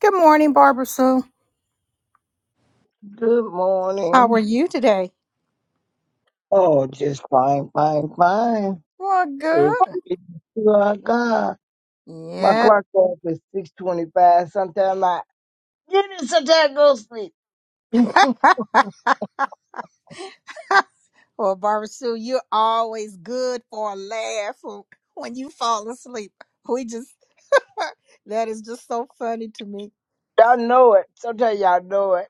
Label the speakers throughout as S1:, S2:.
S1: Good morning, Barbara Sue.
S2: Good
S1: How are
S2: morning.
S1: you today?
S2: Oh, just fine, fine, fine.
S1: Well,
S2: If
S1: good.
S2: you are God, my
S1: Yeah.
S2: clock off is six twenty-five. Sometimes I get it, sometimes I go to sleep. y'all
S1: Well, Barbara Sue, you're always good for a laugh w- when you fall asleep. We just, that is just so funny to me.
S2: know it. Sometimes y'all know it.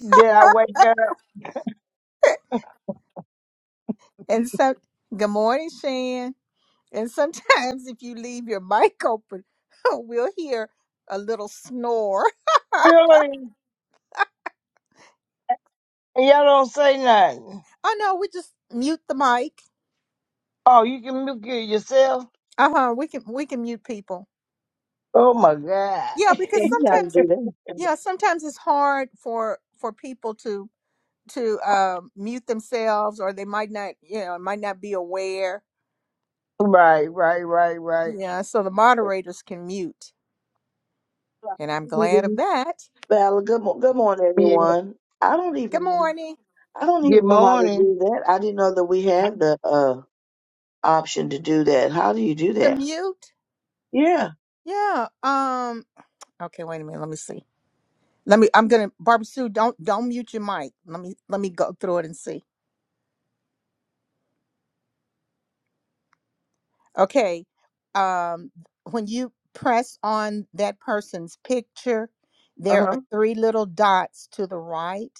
S2: Then I wake up
S1: And so, good morning, Shan. And sometimes if you leave your mic open, we'll hear a little snore.
S2: early and y'all don't say nothing.
S1: oh no, we just mute the mic.
S2: Oh, you can milk it yourself.
S1: Uh huh. We can we can mute people.
S2: Oh my God.
S1: Yeah,
S3: Show
S1: because
S3: me how to
S1: sometimes
S3: do that.
S1: yeah sometimes it's hard for for people to to uh, mute themselves or they might not you know might not be aware
S2: right, right, right, right.
S1: yeah so the moderators can mute and i'm glad of
S3: Even-
S1: that
S3: Well, good, mo- good morning,
S2: Yeah.
S3: everyone. I don't
S1: good
S3: even
S1: morning
S3: I don't
S2: Good
S3: even know how to
S2: morning.
S3: do that. I didn't know that we have the uh option to do that. How do you do
S1: to
S3: that?
S1: mute
S3: Yeah.
S1: yeah um okay wait a minute let me see let me i'm gonna barbara sue don't don't mute your mic let me let me go through it and see okay um when you press on that person's picture
S3: Uh
S1: there are
S3: huh.
S1: three little dots to the right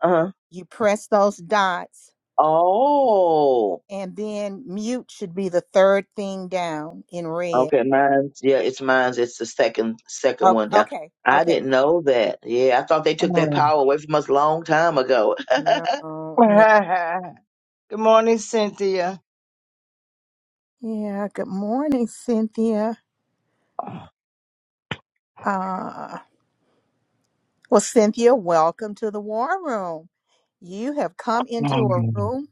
S3: Uh huh.
S1: You press those dots,
S3: Oh.
S1: and then mute should be the third thing down in red.
S3: Okay. Mine's yeah. It's mine's. It's the second second
S1: Oh,
S3: one down.
S1: okay,
S3: I
S1: okay.
S3: didn't know that. Yeah, I thought they took that
S2: Mm.
S3: power away from us long time ago.
S1: No, no.
S2: Good morning, Cynthia.
S1: Yeah, good morning, Cynthia. Uh, well, Cynthia, welcome to the war room. You have come into a
S2: Mm.
S1: room.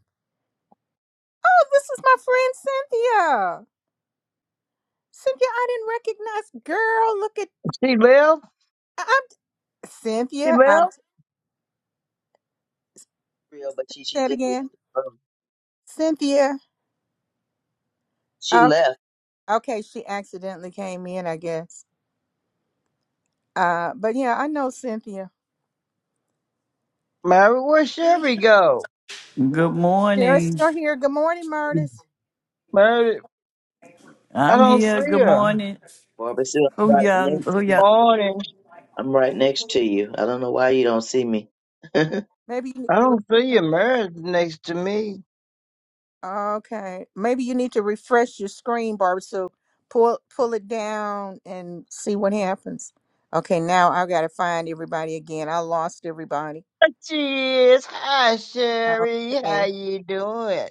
S1: Oh, this is my friend Cynthia. Cynthia, I didn't recognize. Girl, look at
S2: She left.
S1: I'm
S2: She
S1: Cynthia. I'm
S2: left.
S3: Real, but she she
S1: say it
S3: just
S1: again.
S3: left. Um,
S1: Cynthia.
S3: She
S1: Oh,
S3: left.
S1: okay. She accidentally came in, I guess. Uh, but yeah, I know Cynthia.
S2: Mary, where Sherry go?
S4: Good
S1: Sherry's
S4: morning.
S1: still here. Good morning, Murtis.
S2: Mary, I
S4: I'm
S2: don't
S4: here.
S2: see
S4: Good
S2: her.
S4: morning.
S3: Barbara Sue.
S4: Oh
S3: Right
S4: young, oh
S3: next.
S4: young.
S2: Morning.
S3: I'm right next to you. I don't know why you don't see me. don't
S1: Maybe you need
S2: I
S1: to.
S2: don't see
S1: Re-
S2: her. Mary's next to me.
S1: okay, maybe you need to refresh your screen, Barbara. So pull pull it down and see what happens. Okay, now I gotta find everybody again. I lost everybody.
S2: She is. Hi, Sherry. How
S1: Okay,
S2: you doing?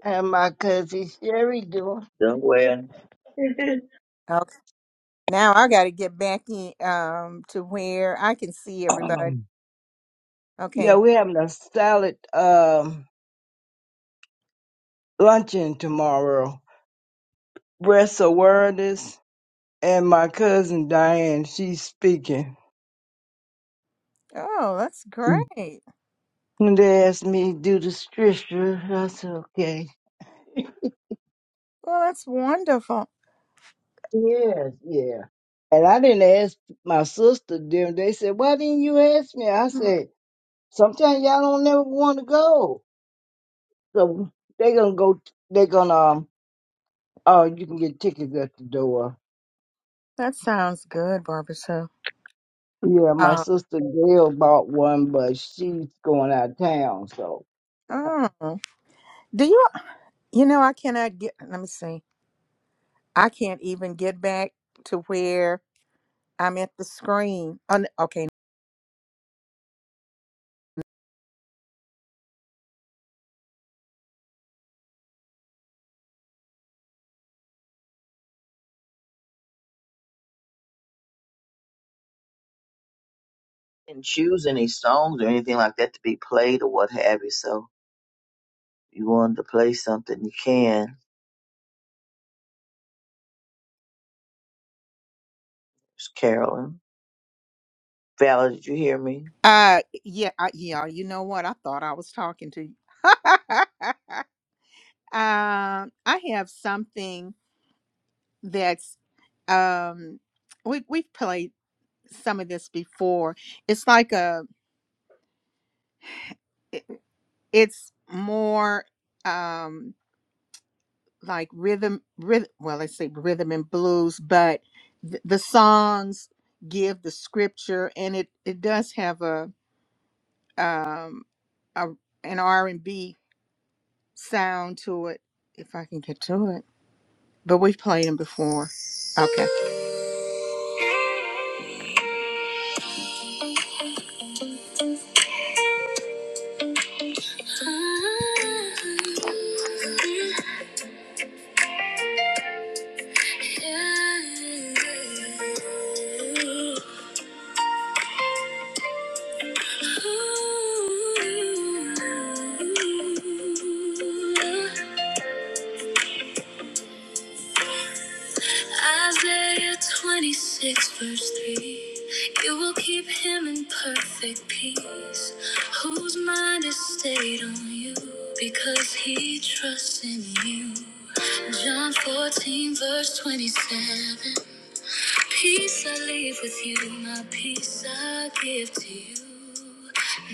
S2: How my cousin Sherry doing?
S3: worry. didn't
S1: okay. Now I gotta get back in um to where I can see everybody.
S2: Um, yeah,
S1: Okay.
S2: we're having a salad um, luncheon tomorrow. Breast awareness. And my cousin Diane, she's speaking.
S1: Oh, that's great.
S2: And they asked me to do the scripture. That's okay.
S1: Well, that's wonderful.
S2: Yes, yeah. And I didn't ask my sister them. They said, Why didn't you ask me? I said, Sometimes y'all don't never want to go. So they gonna go they gonna um oh you can get tickets at the door.
S1: That sounds good, Barbara. So.
S2: Yeah, my
S1: Uh,
S2: sister Gail bought one but she's going out of town, so you know.
S1: oh. Do you you know I cannot get let me see. I can't even get back to where I'm at the screen. Oh, n- okay.
S3: choose any songs or anything like that to be played or what have you. So if you wanted to play something, you can. It's Carolyn. Val, did you hear me?
S1: Uh yeah, I, yeah, you know what? I thought I was talking to you. um I have something that's um we we've played some of this before. It's like a it- it's more um like rhythm, rhythm well i say rhythm and blues but th- the songs give the scripture and it it does have a um a, an r&b sound to it if i can get to it but we've played them before okay Isaiah 26, verse 3. You will keep him in perfect peace, whose mind is stayed on you because he trusts in you. John 14, verse 27. Peace I leave with you, my peace I I give to you.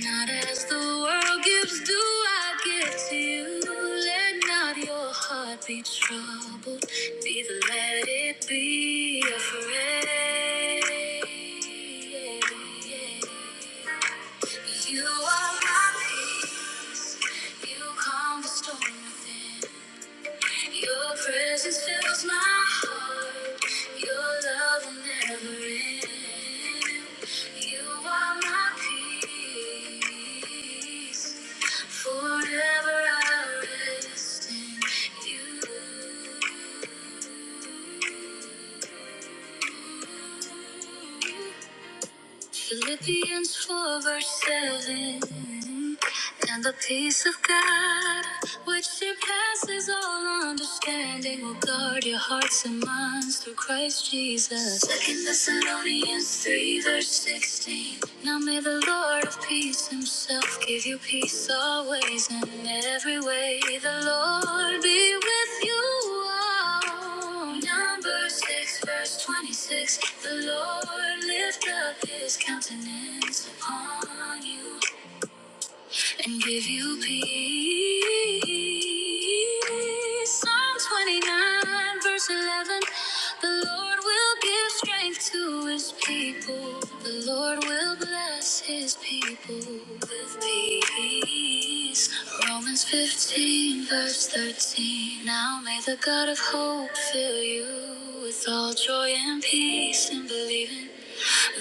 S1: Not as the world gives, do I give to you. Let not your heart be troubled, neither let it be afraid. You are my peace, you calm the storm within. Your presence fills my heart. Your love will never end. You are my peace. Forever I rest in you. Philippians 4 verse 7. And the peace of God, which surpasses all understanding, will guard your hearts and minds through Christ Jesus. Second Thessalonians 3 verse 16. Now may the Lord of peace himself give you peace always and in every way. The Lord be with you all number 6, verse 26. The Lord lift up his countenance upon you and give you peace. Psalm 29, verse 11. The Lord will give strength to his people. The Lord will bless his people with peace. Romans 15, verse 13. Now may the God of hope fill you with all joy and peace in believing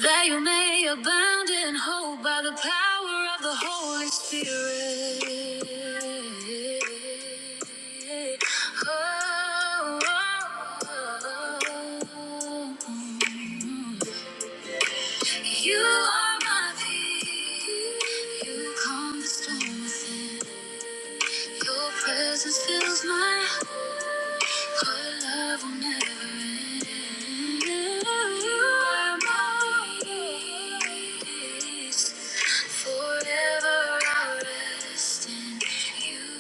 S1: that you may abound in hope by the power of the Holy Spirit. Oh, oh, oh, mm. You are my peace. You calm the storm within. Your presence fills my heart. Your love will never end. You are my peace. Forever I rest in you.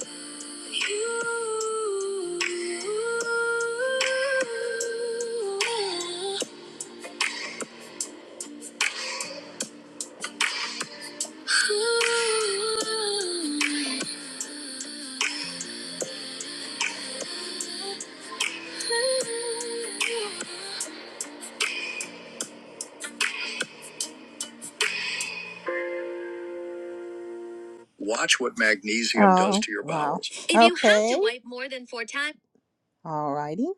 S1: You. Watch what magnesium oh, does Oh, to your wow. bowels. Wow. If okay. you have to Okay. wipe more than four times. Alrighty.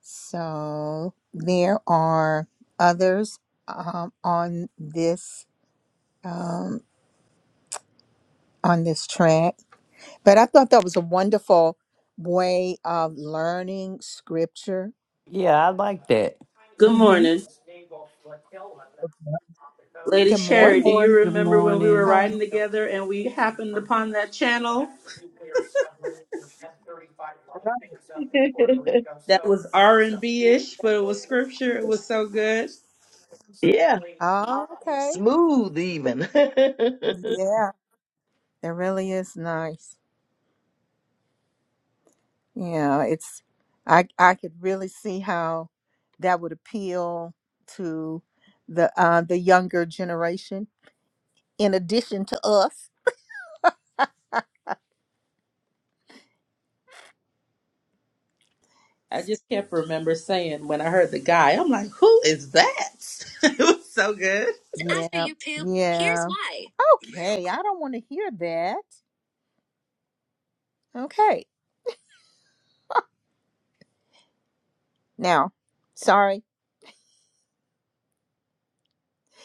S1: So there are others um, on this um, on this track, but I thought that was a wonderful way of learning scripture.
S4: Yeah, I like that.
S5: Good
S1: hmm
S5: morning. Lady
S1: Good
S3: Good
S5: Sherry,
S1: morning.
S5: do you
S3: morning.
S4: Good
S5: remember when we were
S4: morning.
S1: How we,
S5: riding together and we happened upon that channel
S3: Right.
S5: that was R&B-ish, but it was scripture. It was so good.
S3: yeah.
S1: oh, okay.
S3: Smooth even.
S1: Yeah, it really is nice. Yeah, it's I I could really see how that would appeal to the uh the younger generation in addition to us.
S5: I just kept remember saying when I heard the guy, I'm like, who is that? it was so good.
S1: So after Yeah. you poop, here's yeah. why. Okay, I don't want to hear that. Okay. Now, sorry.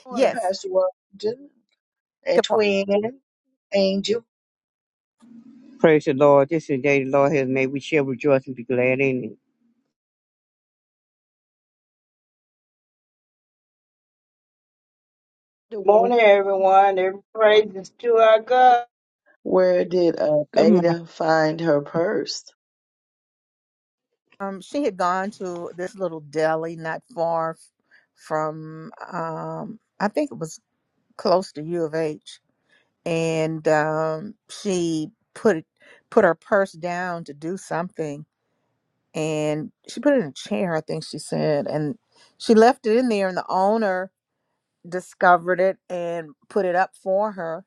S3: Good morning,
S1: Yes.
S3: Pastor Washington
S1: go
S3: and Twin Angel.
S6: Praise the Lord. This is the day the Lord has made. We shall rejoice and be glad in it.
S2: Morning everyone, every praise is to our God.
S3: Where did uh,
S7: Good morning.
S3: Ada find her purse?
S1: Um she had gone to this little deli not far f- from um I think it was close to U of H, and um, she put put her purse down to do something, and she put it in a chair, I think she said, and she left it in there, and the owner discovered it and put it up for her.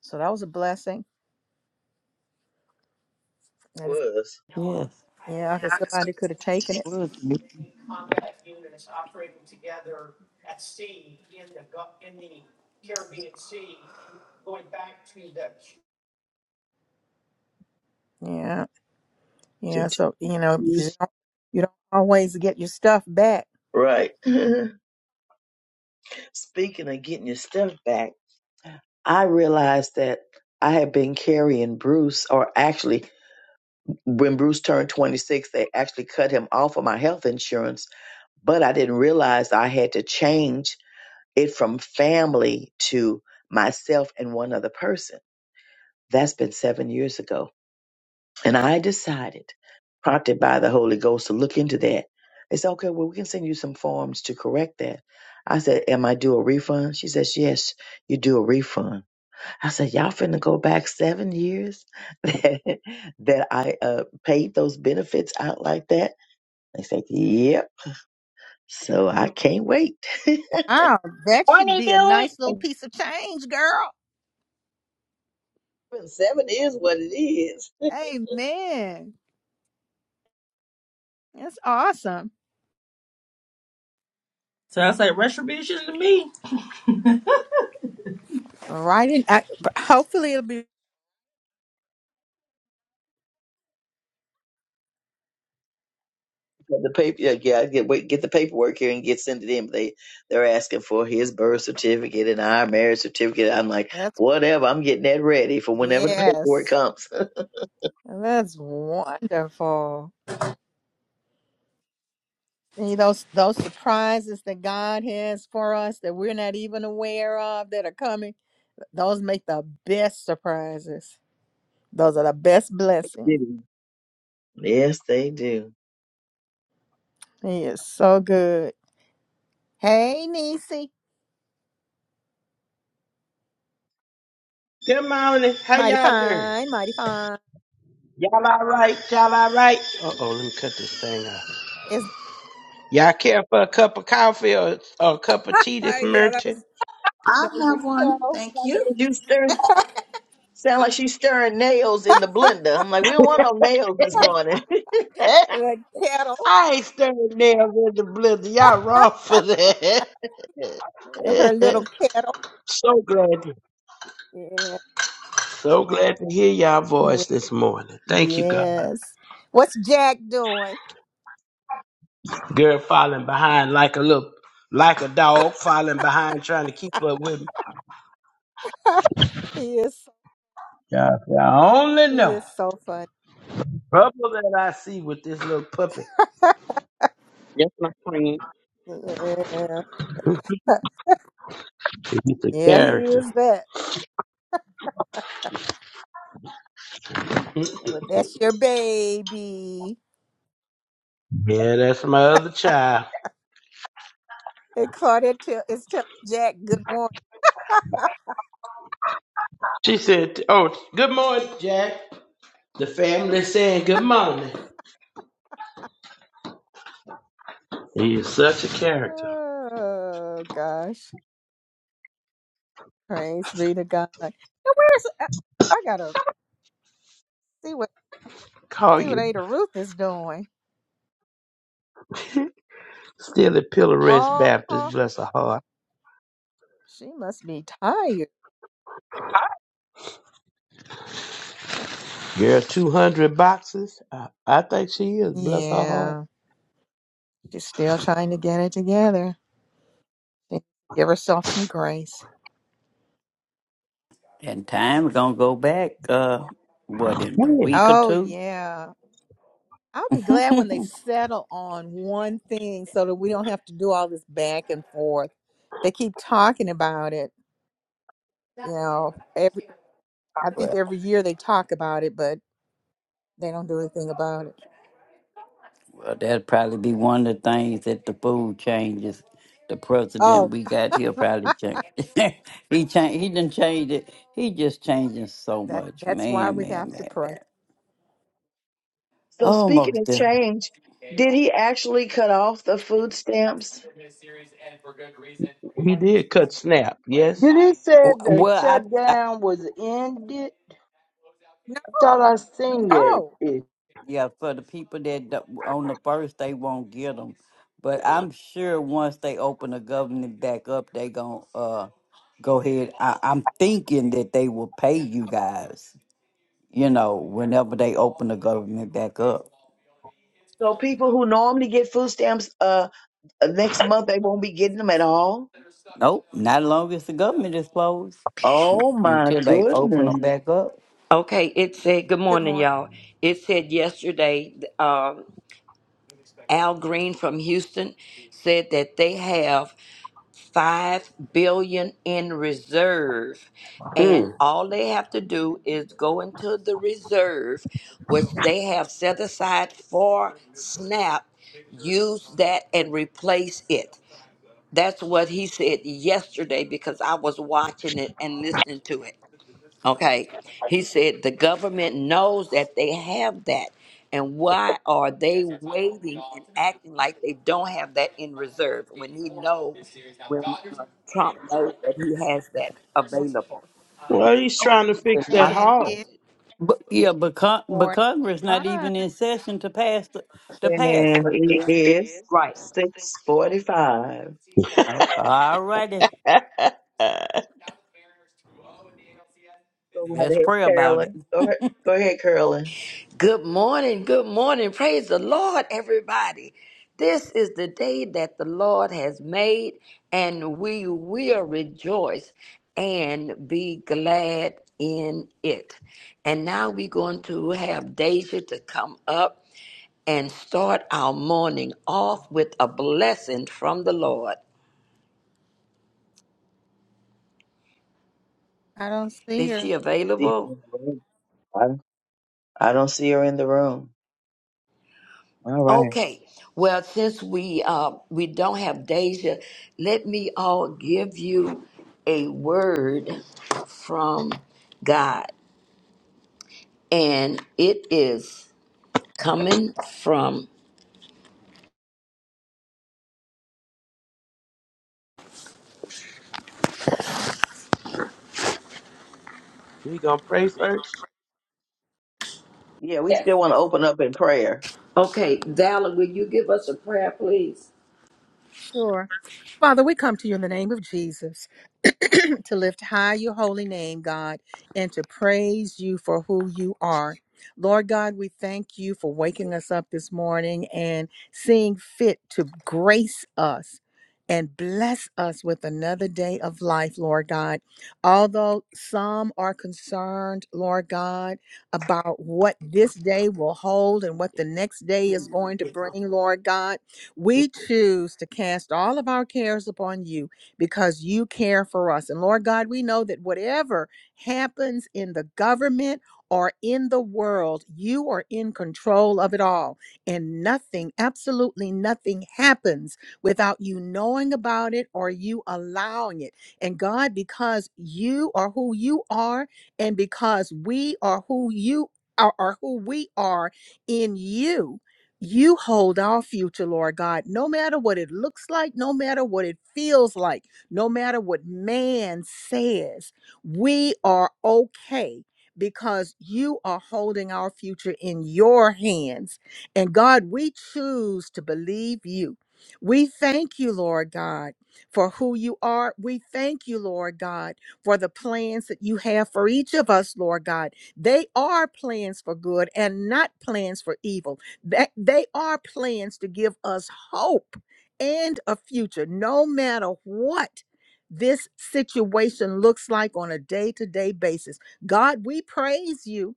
S1: So that was a blessing. And it's-
S3: Was.
S4: Yes.
S1: Yeah, I guess somebody could have taken it.
S6: Well,
S1: Yeah,
S3: to
S1: yeah.
S3: do
S1: So you know, because you
S3: this.
S1: don't, you don't always get your stuff back.
S3: Right. Speaking of getting your stuff back, I realized that I had been carrying Bruce, or actually, when Bruce turned 26, they actually cut him off of my health insurance, but I didn't realize I had to change it from family to myself and one other person. That's been seven years ago And I decided, prompted by the Holy Ghost, to look into that. They said, okay, well, we can send you some forms to correct that. I said, am I due a refund? She says, yes, you do a refund. I said, y'all finna go back seven years that, that I uh, paid those benefits out like that? They said, yep. So I can't wait.
S1: Wow, that should
S2: Morning
S1: be a
S2: do
S1: nice little
S2: it.
S1: piece of change, girl.
S3: Seven is what it is.
S1: Amen. That's awesome.
S5: So I was like, retribution to me.
S1: Right in, I, but hopefully it'll be.
S3: The paper, yeah, yeah, get wait, get the paperwork here and get send it in. They they're asking for his birth certificate and our marriage certificate. I'm like,
S1: That's
S3: whatever. I'm getting that ready for whenever the paperwork
S1: yes.
S3: comes.
S1: That's wonderful. See those those surprises that God has for us that we're not even aware of that are coming. Those make the best surprises. Those are the best blessings.
S3: yes, they do.
S1: He is so good. Hey, Nisi,
S8: Good morning. How
S1: mighty
S8: y'all doing?
S1: fine, mighty fine.
S8: Y'all all right? Y'all all right? Uh oh, let me cut this thing off.
S1: Is
S8: Y'all care for a cup of coffee or, or a cup of tea this
S1: yeah, that
S8: merchant?
S1: was
S9: I
S1: that was your
S9: have one.
S1: kettle,
S9: Thank you.
S3: You stir sound like she's stirring nails in the blender. I'm like, we don't want no nails this morning.
S8: Eh?
S1: the kettle,
S8: I ain't stirring nails in the blizzard. Y'all wrong for that.
S1: her little kettle.
S8: so glad, to,
S1: Yeah.
S8: so glad to hear y'all
S1: Well,
S8: voice this morning. Thank you, God.
S1: Yes. What's Jack doing?
S8: Girl falling behind like a little, like a dog falling behind, trying to keep up with me.
S1: he is
S8: God, I only
S1: he
S8: know
S1: is so funny.
S8: trouble that I see with this little puppy.
S6: That's my friend.
S1: yeah.
S8: He's a
S1: yeah, he
S8: character.
S1: is that. But that's your baby.
S8: Yeah, that's my other child.
S1: And Claudette tell, is telling Jack good morning.
S8: She said, Oh, good morning, Jack. The family saying good morning. He is such a character.
S1: Oh gosh. Praise be to God. And where's I, I gotta see what
S8: Call
S1: see what
S8: you.
S1: Ada Ruth is doing.
S8: Still at Pilarist
S1: Oh
S8: Baptist, bless her heart.
S1: she must be tired.
S8: Girl, 200 boxes. I, I think she is, bless her heart.
S1: Yeah. She's still trying to get it together. Give herself some grace.
S4: And time we're gonna go back. Uh, what in a
S8: Yeah,
S4: week or
S1: Oh,
S4: two?
S1: yeah. I'll be glad when
S4: well,
S1: they settle on one thing so that we don't have to do all this back and forth. They keep talking about it. You know, every, I think
S4: well,
S1: every year they talk about it, but they don't do anything about it.
S4: that'd probably be one of the things that the food changes. The president
S1: Oh,
S4: we got here probably changed. he changed. He didn't change it. He just changing so
S1: that
S4: much,
S1: that's why
S4: man,
S1: we
S4: man,
S1: have to
S4: man,
S1: pray.
S4: man.
S3: so speaking
S4: Almost
S3: of
S4: there.
S3: change, did he actually cut off the food stamps?
S8: he did cut snap, yes?
S2: Did it say the
S4: Well, I,
S2: shutdown was ended?
S1: No,
S2: I thought I seen
S1: no.
S2: that.
S4: Yeah, for the people that do- on the first they won't get them, but I'm sure once they open the government back up, they gon' uh go ahead. I, I'm thinking that they will pay you guys. You know, whenever they open the government back up.
S3: So people who normally get food stamps, uh, next month they won't be getting them at all.
S4: Nope, not long as the government is closed
S3: Oh my
S4: until they open
S3: goodness.
S4: them back up.
S10: Okay, it said, good
S1: Good
S10: morning,
S1: morning.
S10: y'all. It said yesterday, um, Al Green from Houston said that they have five billion in reserve and
S8: Hmm.
S10: all they have to do is go into the reserve which they have set aside for snap use that and replace it that's what he said yesterday because i was watching it and listening to it Okay. He said the government knows that they have that. And why are they waiting and acting like they don't have that in reserve when he know when uh, Trump knows that he has that available?
S8: Well, he's
S1: A-
S10: No
S8: trying to
S10: reason
S8: fix that
S10: not to
S1: And
S10: use
S8: heart.
S1: it
S10: it.
S4: But
S1: is
S4: yeah, but con- but Congress not
S1: 45.
S4: even in session to pass the, to pass
S3: And
S4: it.
S3: it is
S10: Right.
S3: six forty five.
S4: All righty,
S3: Go right
S4: let's
S3: ahead,
S4: pray about
S3: Carolyn.
S4: it.
S3: Go ahead go ahead, Carolyn.
S10: Good morning, good morning. Praise the Lord, everybody. This is the day that the Lord has made, and we will rejoice and be glad in it. And now we're going to have Deja to come up and start our morning off with a blessing from the Lord.
S1: I don't see
S10: Is she
S1: her.
S3: See her
S10: available?
S3: in the room. I, I don't see her in the room. All right.
S10: Okay. Well, since we uh, we don't have Deja, let me all give you a word from God, and it is coming from.
S8: we gonna pray first?
S3: Yeah, we
S10: Yes.
S3: still want to open up in prayer.
S10: Okay, Valor, will you give us a prayer, please?
S1: Sure. Father, we come to you in the name of Jesus to lift high your holy name, God, and to praise you for who you are. Lord God, we thank you for waking us up this morning and seeing fit to grace us and bless us with another day of life, Lord God. Although some are concerned, Lord God, about what this day will hold and what the next day is going to bring, Lord God. We choose to cast all of our cares upon you because you care for us. And Lord God, we know that whatever happens in the government or in the world, you are in control of it all. And nothing, absolutely nothing happens without you knowing about it or you allowing it. And God, because you are who you are, and because we are who you are, or who we are in you you hold our future, Lord God, no matter what it looks like, no matter what it feels like, no matter what man says, we are okay because you are holding our future in your hands. And God, we choose to believe you. We thank you, Lord God, for who you are. We thank you, Lord God, for the plans that you have for each of us, Lord God. They are plans for good and not plans for evil that they are plans to give us hope and a future, no matter what this situation looks like on a day-to-day basis. God, we praise you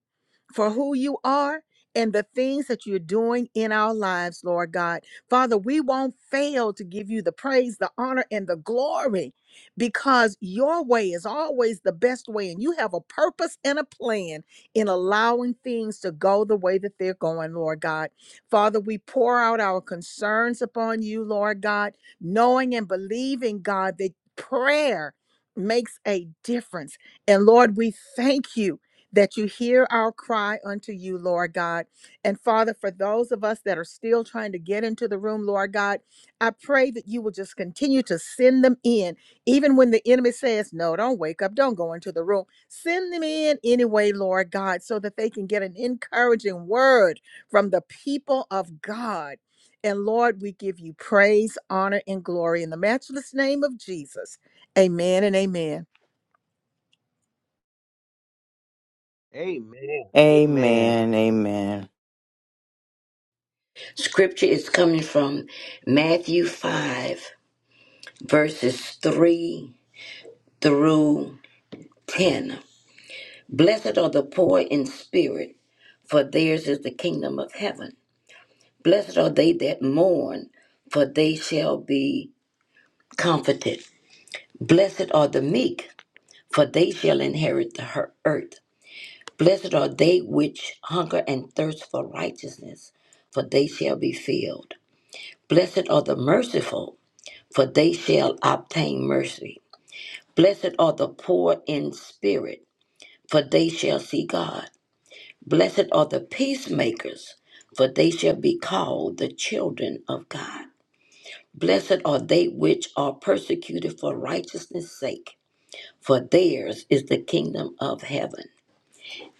S1: for who you are and the things that you're doing in our lives, Lord God. Father, we won't fail to give you the praise, the honor, and the glory because your way is always the best way, and you have a purpose and a plan in allowing things to go the way that they're going, Lord God. Father, we pour out our concerns upon you, Lord God, knowing and believing, God, that prayer makes a difference. And Lord, we thank you that you hear our cry unto you, Lord God. And Father, for those of us that are still trying to get into the room, Lord God, I pray that you will just continue to send them in, even when the enemy says, No, don't wake up, don't go into the room. Send them in anyway, Lord God, so that they can get an encouraging word from the people of God. And Lord, we give you praise, honor, and glory in the matchless name of Jesus. Amen and amen.
S8: Amen. Amen.
S11: Amen. Amen.
S10: Scripture is coming from Matthew five, verses three through ten. Blessed are the poor in spirit, for theirs is the kingdom of heaven. Blessed are they that mourn, for they shall be comforted. Blessed are the meek, for they shall inherit the her- earth. Blessed are they which hunger and thirst for righteousness, for they shall be filled. Blessed are the merciful, for they shall obtain mercy. Blessed are the poor in spirit, for they shall see God. Blessed are the peacemakers, for they shall be called the children of God. Blessed are they which are persecuted for righteousness' sake, for theirs is the kingdom of heaven.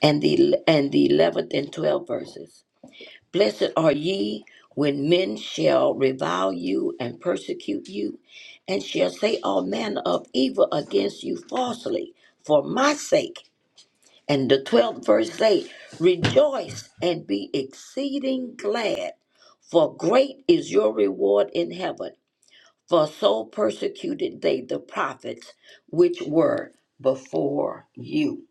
S10: And the and the eleventh and twelfth verses. Blessed are ye when men shall revile you and persecute you, and shall say all manner of evil against you falsely for my sake. And the twelfth verse say, Rejoice and be exceeding glad, for great is your reward in heaven for so persecuted they the prophets which were before you.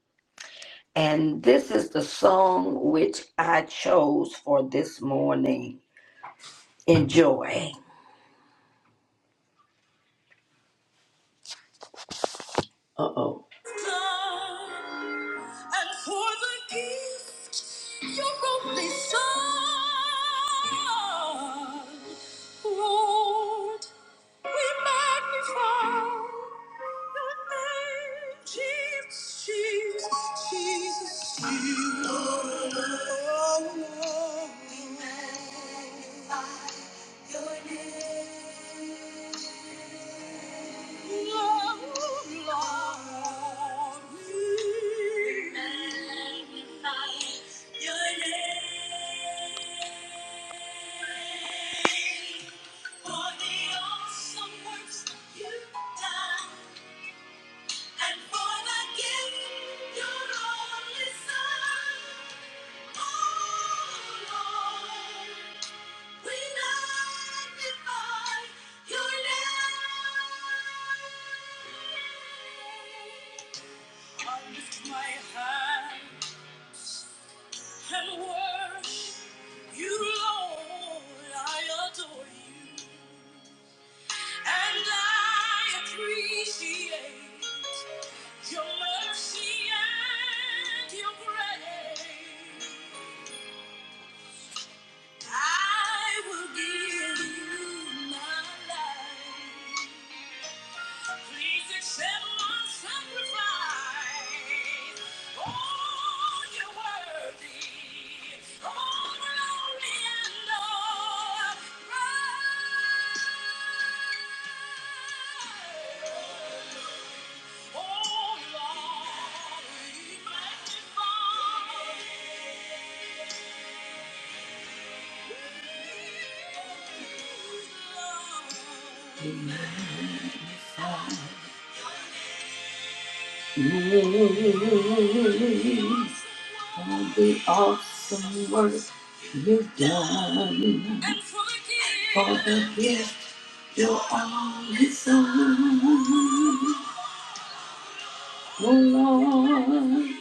S10: And this is the song which I chose for this morning. Enjoy. Uh oh. The awesome work you've done. gift you're only son. Oh Lord,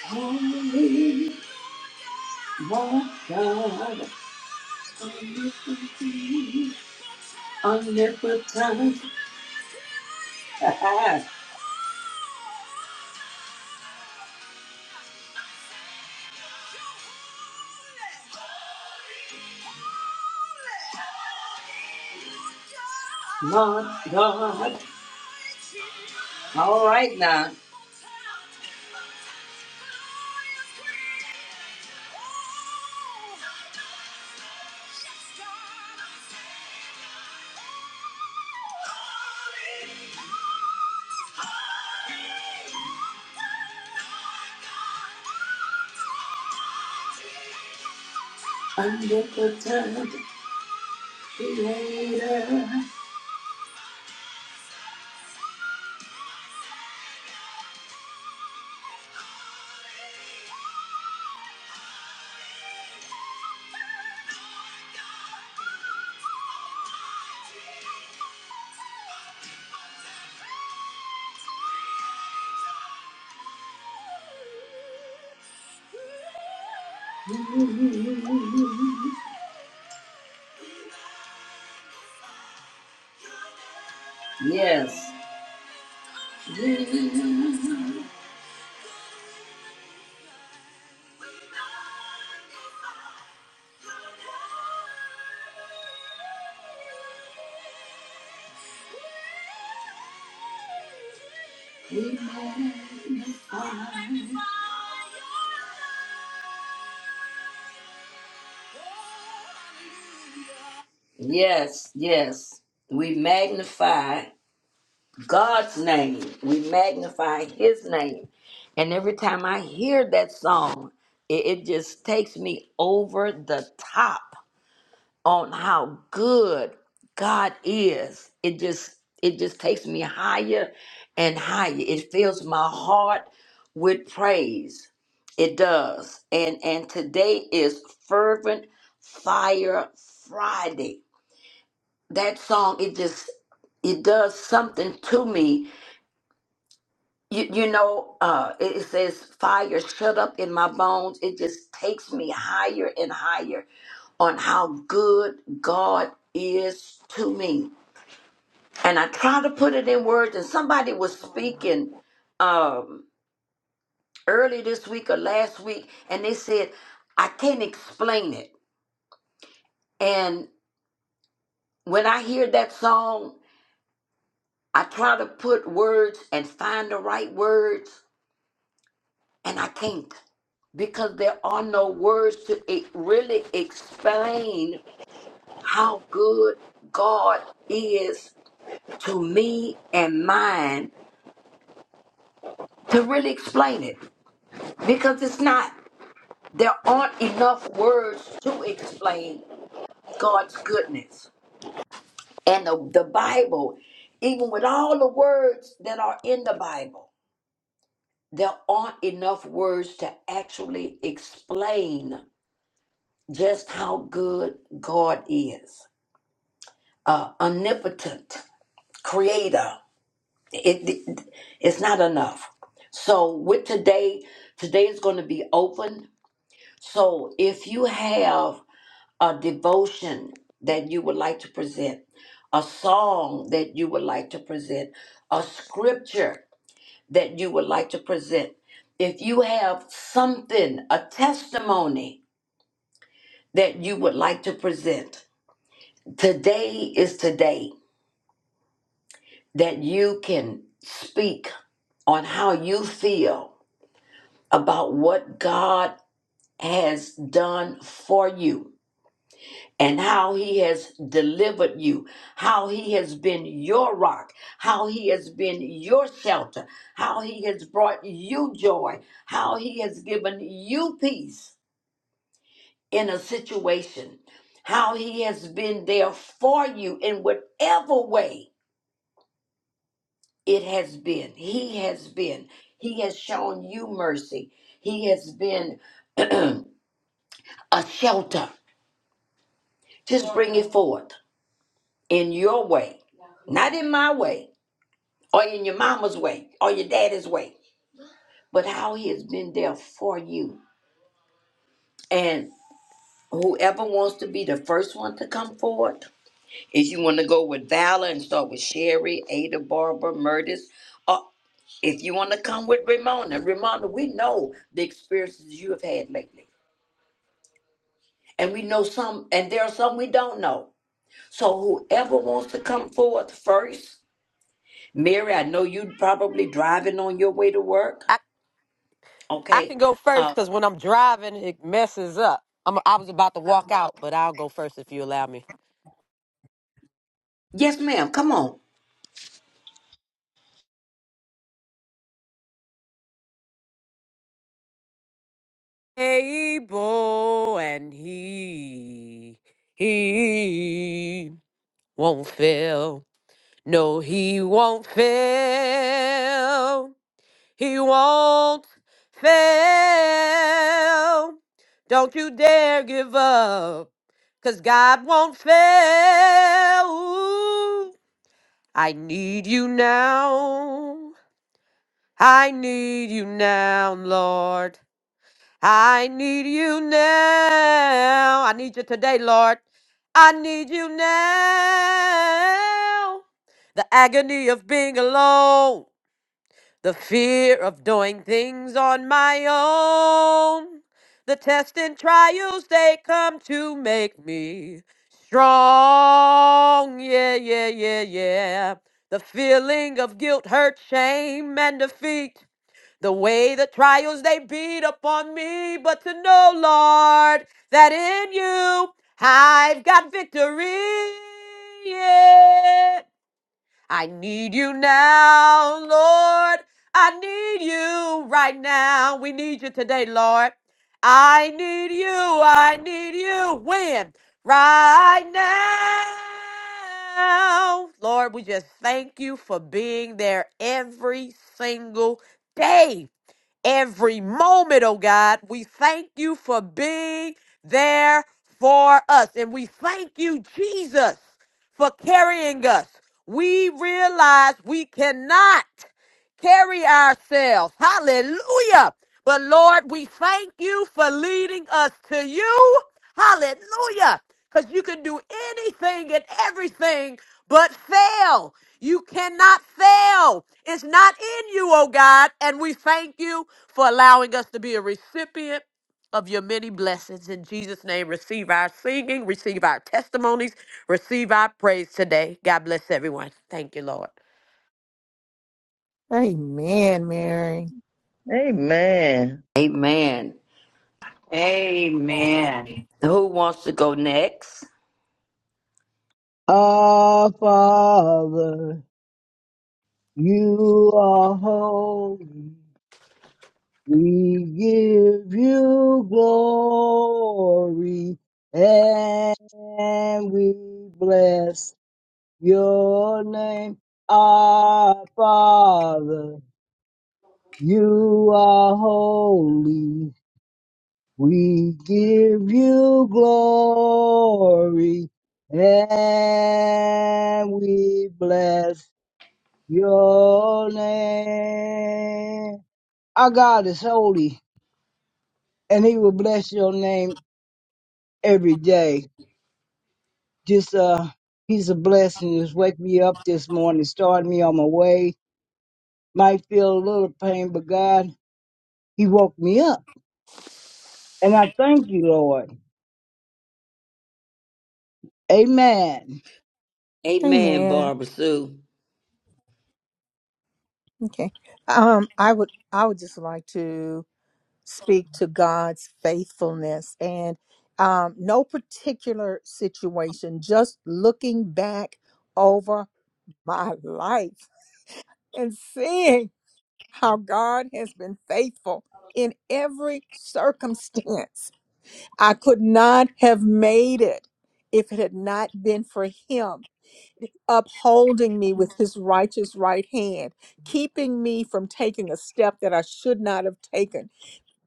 S10: holy. Won't God omnipotent? My God. All right now. Omnipotent creator. Yes. You we magnify. Yes, yes. We magnify God's name. We magnify His name. And every time I hear that song, it, it just takes me over the top on how good God is. It just it just takes me higher and higher. It fills my heart with praise. It does. And and today is fervent fire Friday. That song it just it does something to me You, you know, uh, it it says fire shut up in my bones. It just takes me higher and higher on how good God is to me. And I try to put it in words, and somebody was speaking um, early this week or last week, and they said, I can't explain it. And when I hear that song, I try to put words and find the right words, and I can't. because there are no words to e- really explain how good God is to me and mine to really explain it because it's not there aren't enough words to explain God's goodness and the, the Bible even with all the words that are in the Bible there aren't enough words to actually explain just how good God is uh, omnipotent creator. It, it it's not enough. So with today, today is going to be open. So if you have a devotion that you would like to present, a song that you would like to present, a scripture that you would like to present, if you have something, a testimony that you would like to present, today is today that you can speak on how you feel about what God has done for you and how he has delivered you, how he has been your rock, how he has been your shelter, how he has brought you joy, how he has given you peace in a situation, how he has been there for you in whatever way it has been. He has been. He has shown you mercy. He has been a shelter. Just bring it forth in your way, not in my way, or in your mama's way, or your daddy's way, but how he has been there for you. And whoever wants to be the first one to come forward, if you want to go with Valor and start with Sherry, Ada, Barbara, Murtis, or if you want to come with Ramona, Ramona, we know the experiences you have had lately. And we know some, and there are some we don't know. So whoever wants to come forward first, Mary, I know you probably driving on your way to work.
S12: I, I
S10: Okay.
S12: can go first
S10: Uh,
S12: because when I'm driving, it messes up. I'm, I was about to walk out, but I'll go first if you allow me.
S10: yes, ma'am. Come on.
S12: Able and he, he won't fail. No, he won't fail. He won't fail. Don't you dare give up, because God won't fail. I need you now. I need you now, Lord. I need you now. I need you today, Lord. I need you now. The agony of being alone. The fear of doing things on my own. The tests and trials, they come to make me strong. Yeah, yeah, yeah, yeah. The feeling of guilt, hurt, shame, and defeat. The way the trials, they beat upon me. But to know, Lord, that in you I've got victory. Yeah. I need you now, Lord. I need you right now. We need you today, Lord. I need you. I need you. When? Right now. Lord, we just thank you for being there every single day every moment, oh God. We thank you for being there for us. And we thank you, Jesus, for carrying us. We realize we cannot carry ourselves. Hallelujah. But Lord, we thank you for leading us to you. Hallelujah. Because you can do anything and everything but fail. You cannot fail. It's not in you, oh God. And we thank you for allowing us to be a recipient of your many blessings. In Jesus' name, receive our singing, receive our testimonies, receive our praise today. God bless everyone. Thank you, Lord.
S1: Amen, Mary.
S3: Amen.
S10: Amen.
S11: Amen.
S10: Who wants to go next?
S2: Our Father, you are holy. We give you glory and we bless your name. Our Father, you are holy. We give you glory and we bless Your name. Our God is holy, and He will bless your name every day. Just uh, He's a blessing. Just wake me up this morning, start me on my way. Might feel a little pain, but God, He woke me up, and I thank you, Lord. Amen.
S10: Amen,
S1: Amen.
S10: Barbara Sue.
S1: Okay. Um, I would I would just like to speak to God's faithfulness and um, no particular situation, just looking back over my life and seeing how God has been faithful in every circumstance. I could not have made it if it had not been for Him upholding me with his righteous right hand, keeping me from taking a step that I should not have taken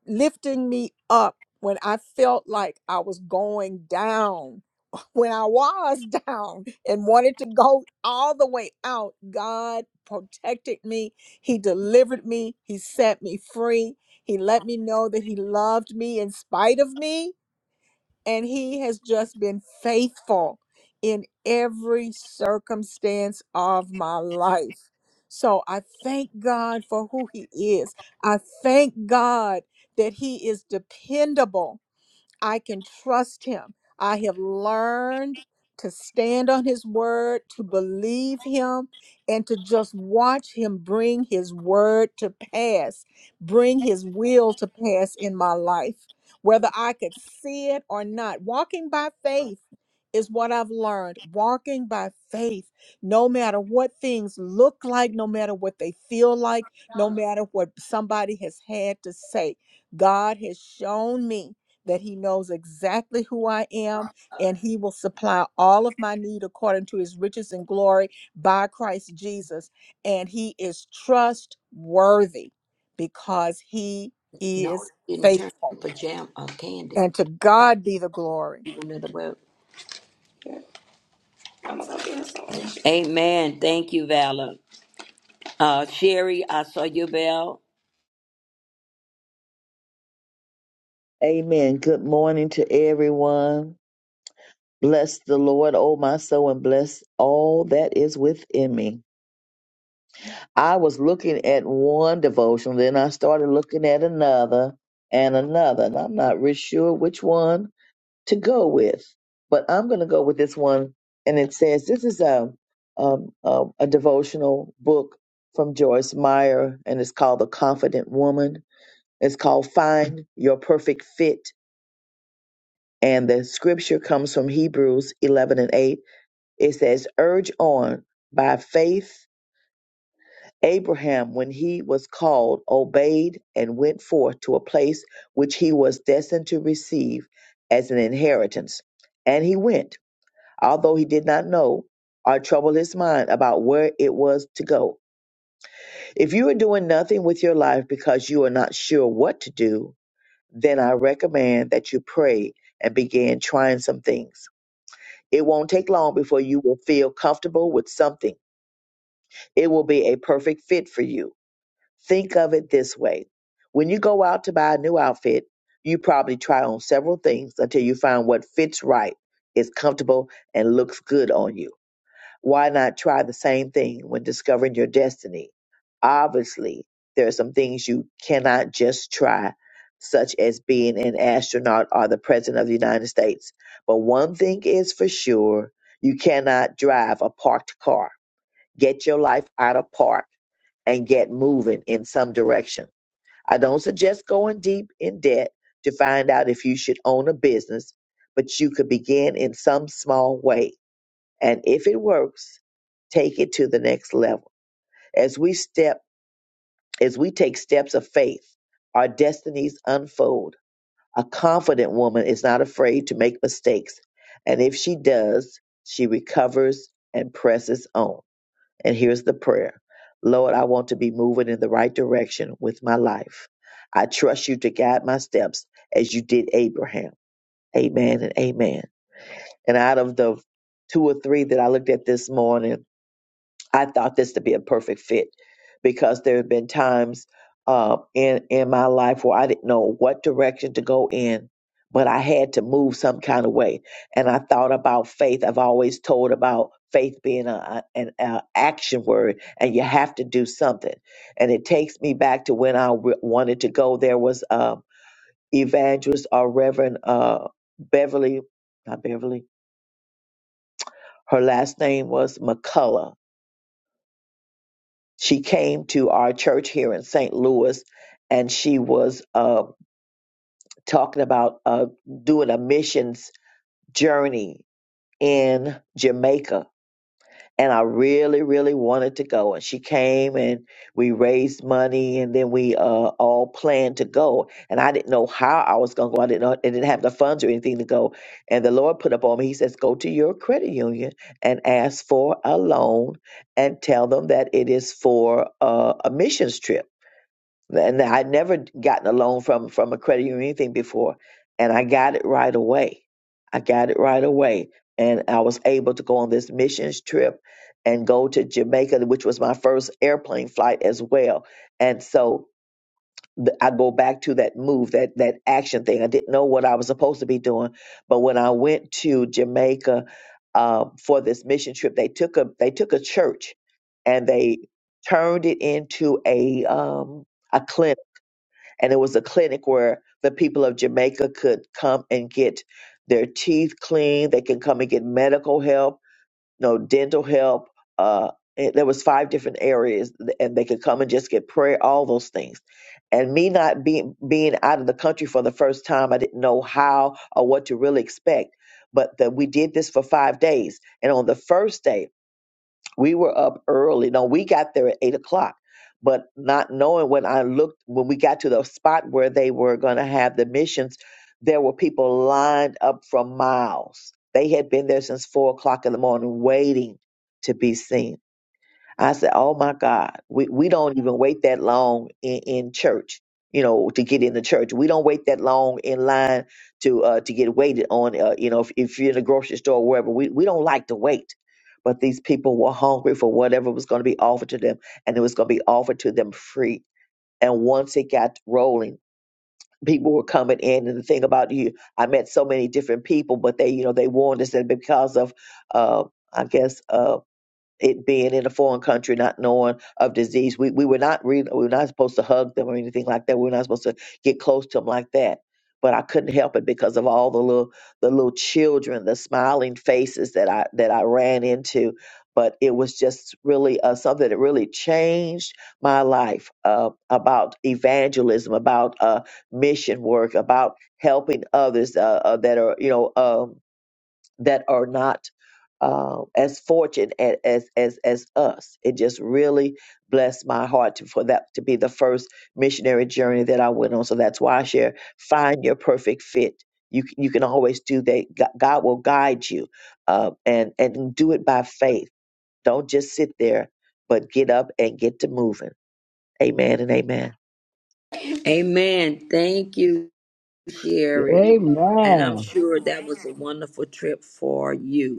S1: lifting me up when I felt like I was going down, when I was down and wanted to go all the way out. God protected me, He delivered me, He set me free. He let me know that He loved me in spite of me and he has just been faithful in every circumstance of my life. So I thank God for who he is. I thank God that he is dependable I can trust him. I have learned to stand on his word, to believe him, and to just watch him bring his word to pass, bring his will to pass in my life, whether I could see it or not. Walking by faith is what I've learned. Walking by faith, no matter what things look like, no matter what they feel like, no matter what somebody has had to say, God has shown me that he knows exactly who I am, and he will supply all of my need according to his riches and glory by Christ Jesus. And he is trustworthy because he
S10: No,
S1: is
S10: you didn't turn
S1: faithful.
S10: pajama or candy.
S1: And to God be the glory.
S10: Another word. Amen. Thank you, Valor. Uh, Sherry, I saw your bell.
S3: Amen. Good morning to everyone. Bless the Lord, O my soul, and bless all that is within me. I was looking at one devotional, then I started looking at another and another, and I'm not really sure which one to go with. But I'm going to go with this one, and it says this is a um, a, a devotional book from Joyce Meyer, and it's called The Confident Woman. It's called Find Your Perfect Fit, and the scripture comes from Hebrews 11 and 8. It says, "Urge on by faith." Abraham, when he was called, obeyed and went forth to a place which he was destined to receive as an inheritance. And he went, although he did not know or trouble his mind about where it was to go. If you are doing nothing with your life because you are not sure what to do, then I recommend that you pray and begin trying some things. It won't take long before you will feel comfortable with something. It will be a perfect fit for you. Think of it this way when you go out to buy a new outfit, you probably try on several things until you find what fits right, is comfortable, and looks good on you. Why not try the same thing when discovering your destiny? Obviously, there are some things you cannot just try, such as being an astronaut or the President of the United States. But one thing is for sure you cannot drive a parked car Get your life out of park and get moving in some direction. I don't suggest going deep in debt to find out if you should own a business, but you could begin in some small way. And if it works, take it to the next level. As we step, as we take steps of faith, our destinies unfold. A confident woman is not afraid to make mistakes, and if she does, she recovers and presses on. And here's the prayer Lord, I want to be moving in the right direction with my life. I trust you to guide my steps as you did Abraham. Amen and amen. And out of the two or three that I looked at this morning, I thought this to be a perfect fit because there have been times uh, in in my life where I didn't know what direction to go in, but I had to move some kind of way. And I thought about faith. I've always told about faith being a, a- an a action word, and you have to do something. And it takes me back to when I w- wanted to go. There was um evangelist or Reverend uh, Beverly, not Beverly. Her last name was McCullough she came to our church here in St. Louis, and she was uh, talking about uh, doing a missions journey in Jamaica. And I really, really wanted to go. And she came, and we raised money, and then we uh, all planned to go. And I didn't know how I was going to go. I didn't know. I didn't have the funds or anything to go. And the Lord put up on me. He says, "Go to your credit union and ask for a loan, and tell them that it is for uh, a missions trip." and I'd never gotten a loan from from a credit union or anything before, and I got it right away. I got it right away, and I was able to go on this missions trip and go to Jamaica, which was my first airplane flight as well. And so th- I go back to that move, that that action thing. I didn't know what I was supposed to be doing, but when I went to Jamaica uh, for this mission trip, they took a they took a church and they turned it into a um, a clinic and it was a clinic where the people of Jamaica could come and get their teeth cleaned. They can come and get medical help, no dental help. Uh, and there was five different areas, and they could come and just get prayer, all those things. And me not being being out of the country for the first time, I didn't know how or what to really expect. But that we did this for five days, and on the first day we were up early. No, we got there at eight o'clock, but not knowing when I looked, when we got to the spot where they were going to have the missions, there were people lined up for miles. They had been there since four o'clock in the morning waiting to be seen. I said, "Oh my God, we we don't even wait that long in, in church, you know, to get in the church. We don't wait that long in line to uh, to get waited on. Uh, you know, if, if you're in a grocery store or wherever, we we don't like to wait." But these people were hungry for whatever was going to be offered to them, and it was going to be offered to them free. And once it got rolling, people were coming in. And the thing about you, I met so many different people, but they, you know, they warned us that because of, uh, I guess. Uh, it being in a foreign country, not knowing of disease. We we were not re- we were not supposed to hug them or anything like that. We were not supposed to get close to them like that. But I couldn't help it because of all the little the little children, the smiling faces that I that I ran into. But it was just really uh, something that really changed my life uh, about evangelism, about uh, mission work, about helping others uh, uh, that are you know. Um, that are not uh, as fortunate a- as as as us. It just really blessed my heart to, for that to be the first missionary journey that I went on. So that's why I share: find your perfect fit. You c- you can always do that. G- God will guide you, uh, and and do it by faith. Don't just sit there, but get up and get to moving. Amen and amen.
S10: Amen. Thank you, Sherry. And I'm
S2: Amen.
S10: sure that was a wonderful trip for you.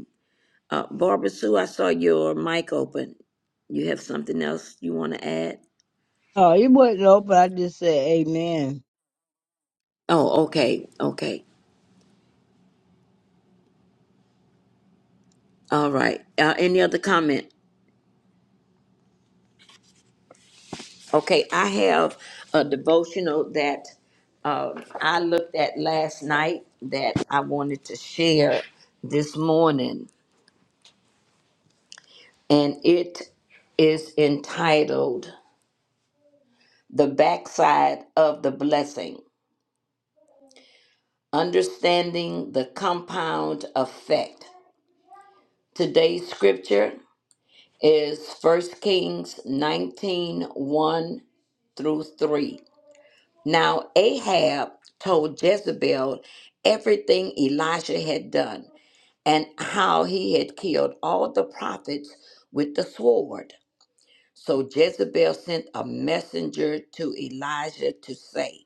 S10: Uh, Barbara Sue, I saw your mic open. You have something else you want to add?
S2: Oh, it wasn't open. I just said Amen.
S10: Oh, okay, okay, all right. Uh, any other comment? Okay, I have a devotional that uh, I looked at last night that I wanted to share this morning, and it is entitled "The Backside of the Blessing" under compound effect. Today's scripture is First Kings nineteen one through 3. Now, Ahab told Jezebel everything Elijah had done and how he had killed all the prophets with the sword. So Jezebel sent a messenger to Elijah to say,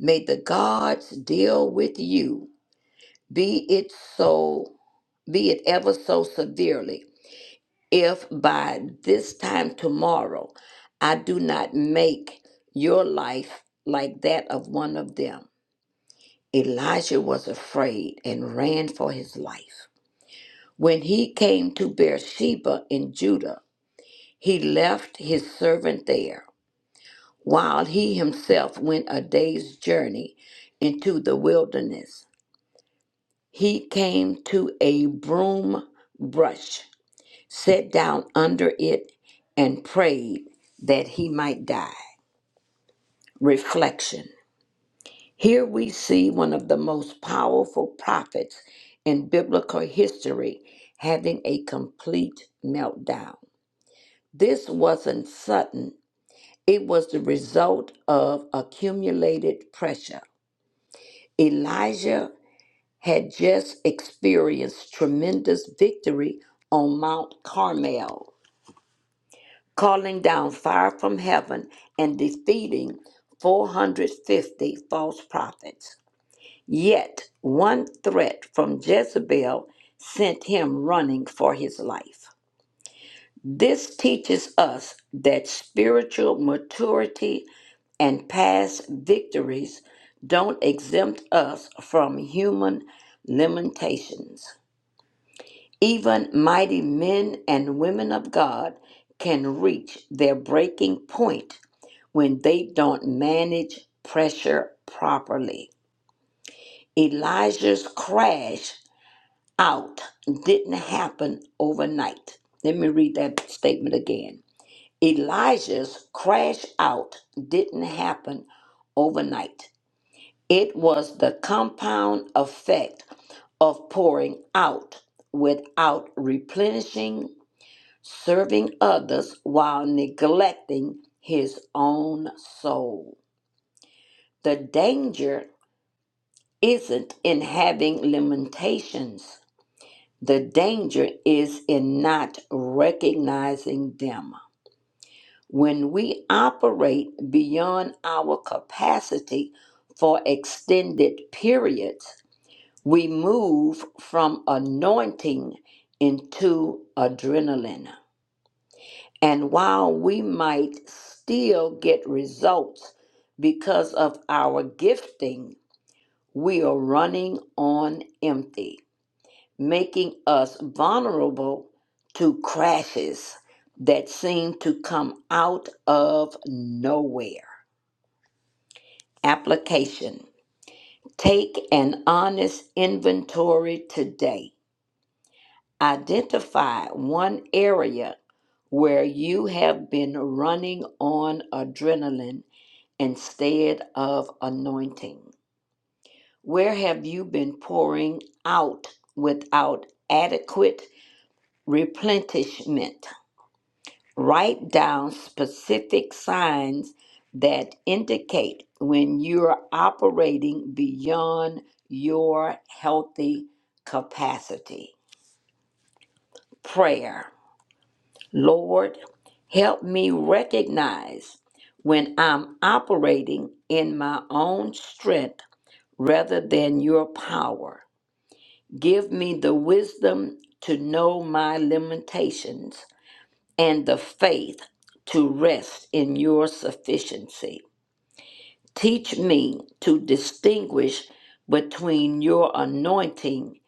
S10: May the gods deal with you, be it so, be it ever so severely. if by this time tomorrow I do not make your life like that of one of them. Elijah was afraid and ran for his life. When he came to Beersheba in Judah, he left his servant there, while he himself went a day's journey into the wilderness. He came to a broom brush sat down under it and prayed that he might die. Reflection. Here we see one of the most powerful prophets in biblical history having a complete meltdown. This wasn't sudden, it was the result of accumulated pressure. Elijah had just experienced tremendous victory on Mount Carmel calling down fire from heaven and defeating 450 false prophets. Yet one threat from Jezebel sent him running for his life. This teaches us that spiritual maturity and past victories don't exempt us from human limitations. Even mighty men and women of God can reach their breaking point when they don't manage pressure properly. Elijah's crash out didn't happen overnight. Let me read that statement again. Elijah's crash out didn't happen overnight. It was the compound effect of pouring out without replenishing, serving others while neglecting his own soul. The danger isn't in having limitations. The danger is in not recognizing them. When we operate beyond our capacity for extended periods, we move from anointing into adrenaline. And while we might still get results because of our gifting, we are running on empty. making us vulnerable to crashes that seem to come out of nowhere. Application Take an honest inventory today. Identify one area where you have been running on adrenaline instead of anointing. Where have you been pouring out without adequate replenishment? Write down specific signs that indicate when you're operating beyond your healthy capacity. Prayer. Lord, help me recognize when I'm operating in my own strength rather than your power. Give me the wisdom to know my limitations and the faith to rest in your sufficiency. Teach me to distinguish between your anointing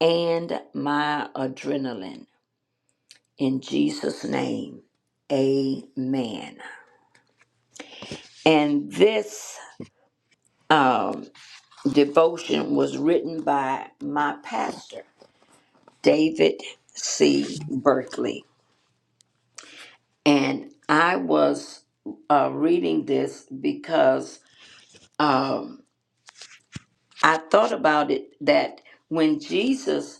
S10: and my adrenaline. In Jesus' name, amen. And this um, devotion was written by my pastor, David C. Berkeley. And I was uh, reading this because um, I thought about it that when Jesus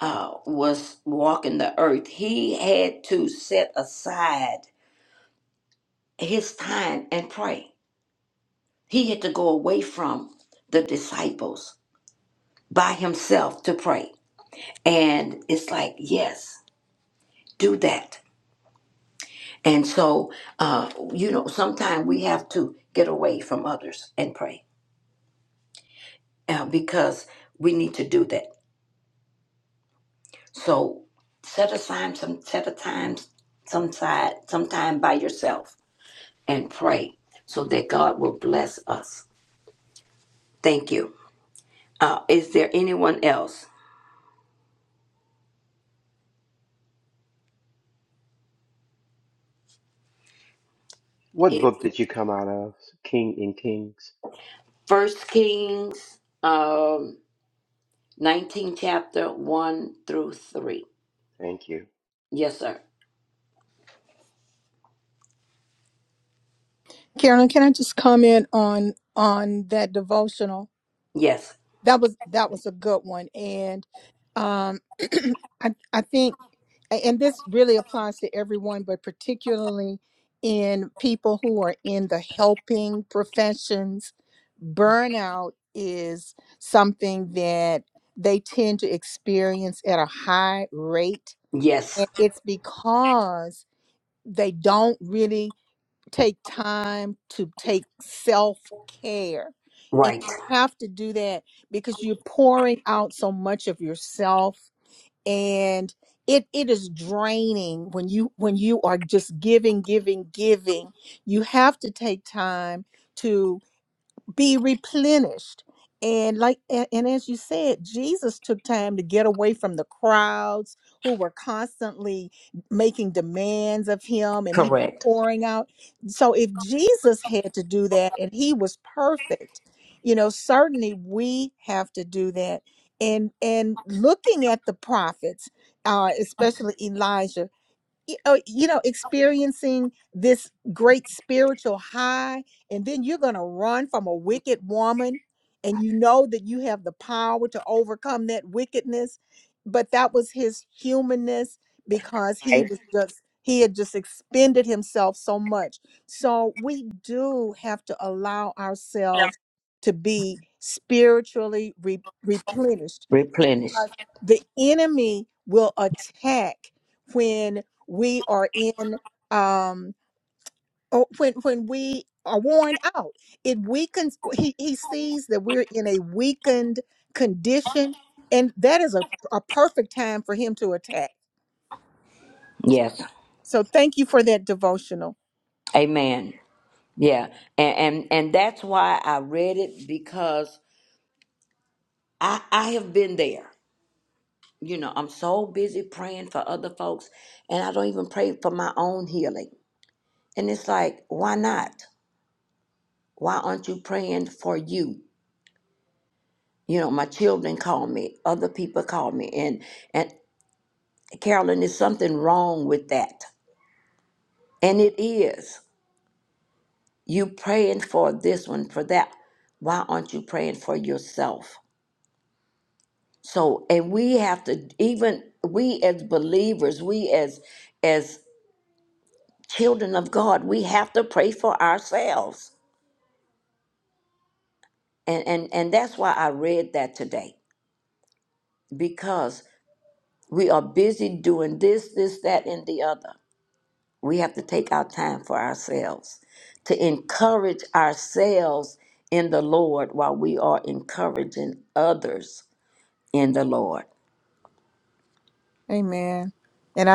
S10: uh, was walking the earth, he had to set aside his time and pray. He had to go away from the disciples by himself to pray. And it's like, yes, do that. And so, uh, you know, sometimes we have to get away from others and pray uh, because we need to do that. So set aside some set a time some side some time by yourself and pray so that God will bless us. Thank you. Uh, is there anyone else?
S13: What
S10: It's
S13: book did you come out of? King in Kings?
S10: First Kings um, 19 chapter 1 through 3.
S13: Thank you.
S10: Yes, sir.
S1: Carolyn, can I just comment on on that devotional?
S10: Yes.
S1: that was that was a good one and um i i think a- and this really applies to everyone but particularly in people who are in the helping professions burnout is something that they tend to experience at a high rate
S10: Yes.
S1: and it's because they don't really take time to take self care.
S10: Right.
S1: And you have to do that because you're pouring out so much of yourself and it it is draining when you when you are just giving giving giving. You have to take time be replenished and like a- and as you said jesus took time to get away from the crowds who were constantly making demands of him and he was
S10: Correct.
S1: pouring out so if jesus had to do that and he was perfect you know certainly we have to do that and and looking at the prophets uh especially elijah y- oh, you know, experiencing this great spiritual high, and then you're going to run from a wicked woman, and you know that you have the power to overcome that wickedness. But that was his humanness because he
S10: Right.
S1: was just, he had just expended himself so much. So we do have to allow ourselves to be spiritually re- replenished
S10: Replenished.
S1: because the enemy will attack when we are in um oh, when when we are worn out it weakens he, he sees that we're in a weakened condition and that is a, a perfect time for him to attack
S10: Yes.
S1: so thank you for that devotional
S10: Amen. Yeah. And, and and that's why I read it because I I have been there. You know, I'm so busy praying for other folks and I don't even pray for my own healing And it's like, why not? Why aren't you praying for you? You know, my children call me, other people call me, and and Carolyn, there's something wrong with that. And it is. You praying for this one, for that. Why aren't you praying for yourself? So, and we have to even we as believers, we as as children of God, we have to pray for ourselves. And and and that's why I read that today because We are busy doing this, this, that, and the other. We have to take our time for ourselves to encourage ourselves in the Lord while we are encouraging others in the Lord.
S1: amen And I.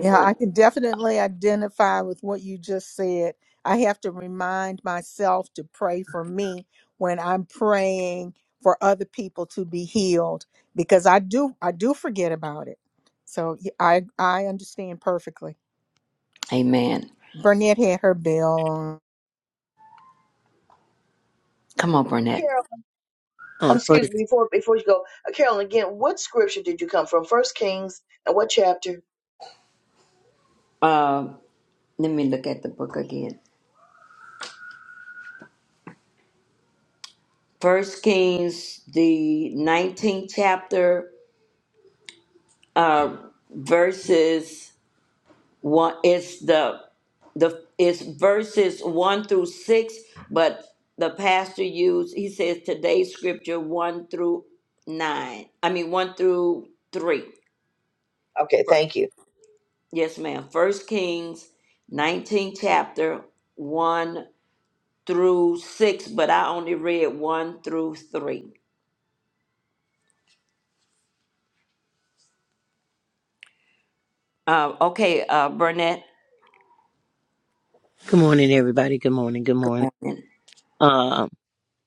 S1: Yeah, I can definitely identify with what you just said. I have to remind myself to pray for me when I'm praying for other people to be healed because I do I do forget about it. So y- I I understand perfectly.
S10: Amen.
S1: Burnett had her bell on.
S10: Come on, Burnett.
S3: Carol,
S14: Uh,
S3: um, excuse
S14: first,
S3: me, before before you go, uh, Carol, again, what scripture did you come from? First Kings and what chapter?
S10: Uh, let me look at the book again. First Kings, the 19th chapter, uh, verses one. It's the the it's verses one through six, but the pastor used he says today's scripture one through nine. I mean one through three.
S3: Okay,
S10: Fir-
S3: thank you.
S10: Yes, ma'am. First Kings, nineteen chapter one through six, but I only read one through three. Uh, okay, uh, Burnett.
S14: good morning, everybody. Good morning. Good
S10: Good
S14: morning.
S10: morning.
S14: Um,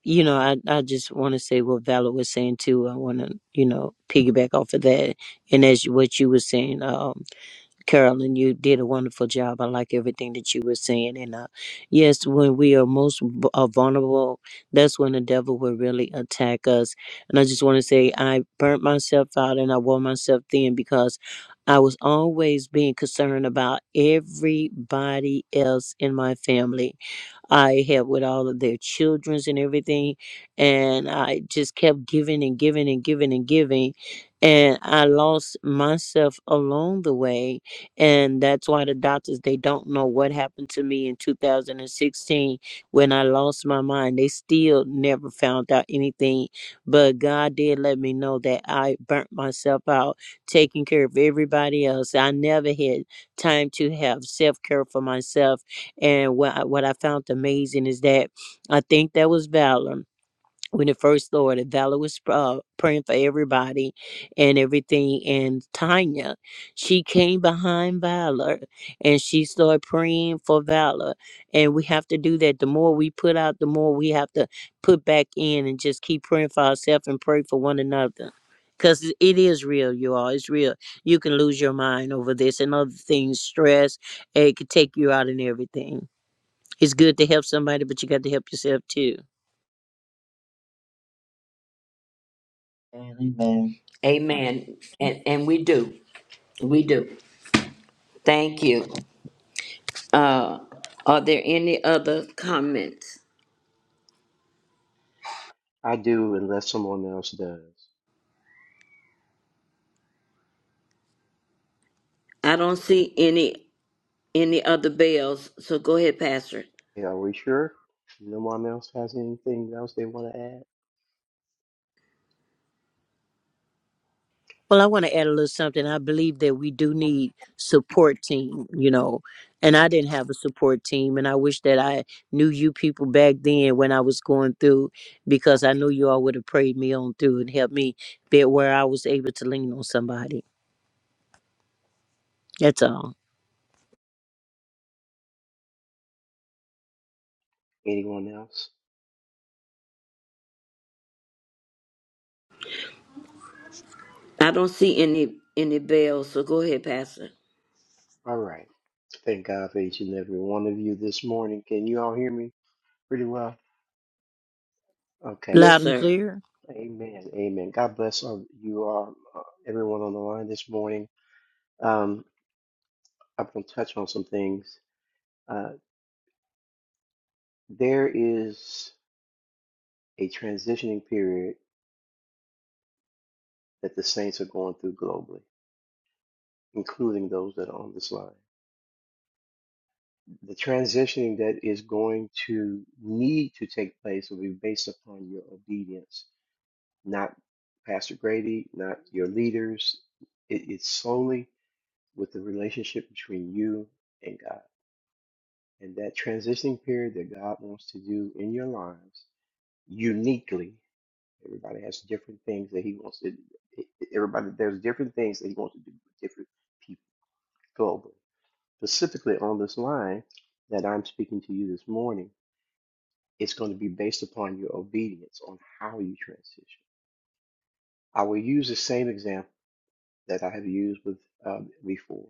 S14: you know, I, I just want to say what Valor was saying too. I want to, you know, piggyback off of that. And as what you were saying, um, Carolyn, you did a wonderful job. I like everything that you were saying. And uh, yes, when we are most v- uh, vulnerable, that's when the devil will really attack us. And I just want to say, I burnt myself out and I wore myself thin because I was always being concerned about everybody else in my family I helped with all of their children's and everything. And I just kept giving and giving and giving and giving. And I lost myself along the way. And that's why the doctors, they don't know what happened to me in 2016 when I lost my mind. They still never found out anything. But God did let me know that I burnt myself out taking care of everybody else. I never had time to have self care for myself and what I, what I found amazing is that I think that was Valor when it first started. Valor was uh, praying for everybody and everything. And Tanya, she came behind Valor and she started praying for Valor. And we have to do that. The more we put out, the more we have to put back in and just keep praying for ourselves and pray for one another. Because it it is real, you all. It's real. You can lose your mind over this and other things, stress. and It could take you out and everything. It's good to help somebody, but you got to help yourself too.
S3: Amen.
S10: Amen. And and we do, we do. Thank you. Uh, are there any other comments?
S13: I do, unless someone else does.
S10: I don't see any any other bells, so go ahead, Pastor.
S13: Yeah, are we sure? No one else has anything else they want to add?
S14: Well, I want to add a little something. I believe that we do need support team, you know, and I didn't have a support team, and I wish that I knew you people back then when I was going through, because I knew you all would have prayed me on through and helped me be where I was able to lean on somebody. That's all.
S13: Anyone else?
S10: I don't see any any bells, so go ahead, Pastor.
S13: All right. Thank God for each and every one of you this morning. Can you all hear me pretty well? Okay.
S14: Loud
S10: Yes,
S14: and
S10: sir.
S14: clear.
S13: Amen. Amen. God bless all you all, uh, everyone on the line this morning. Um, I'm going to touch on some things. Uh, there is a transitioning period that the saints are going through globally including those that are on this line. The transitioning that is going to need to take place will be based upon your obedience, not Pastor Grady, not your leaders. It, it's solely with the relationship between you and God. And that transitioning period that God wants to do in your lives uniquely, everybody has different things that He wants to, everybody, there's different things that He wants to do with different people globally specifically on this line that I'm speaking to you this morning, it's going to be based upon your obedience on how you transition. I will use the same example that I have used with um, before.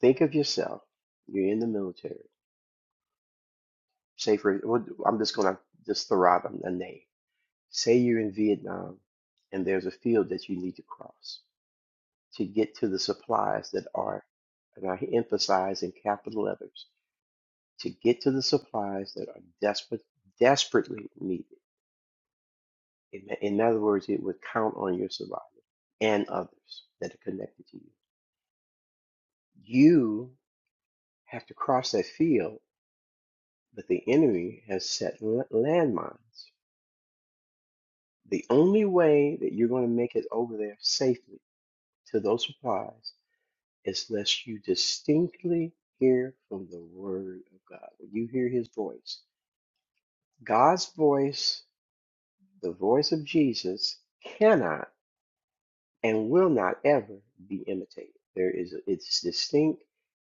S13: Think of yourself. You're in the military. Say for well, I'm just going to just throw out a name. Say you're in Vietnam, and there's a field that you need to cross to get to the supplies that are, and I emphasize in capital letters to get to the supplies that are desperate, desperately needed. In, in other words, it would count on your survival and others that are connected to you. You have to cross that field, but the enemy has set landmines. The only way that you're going to make it over there safely to those supplies is unless you distinctly hear from the word of God. When you hear his voice, God's voice, the voice of Jesus, cannot and will not ever be imitated. There is it's distinct,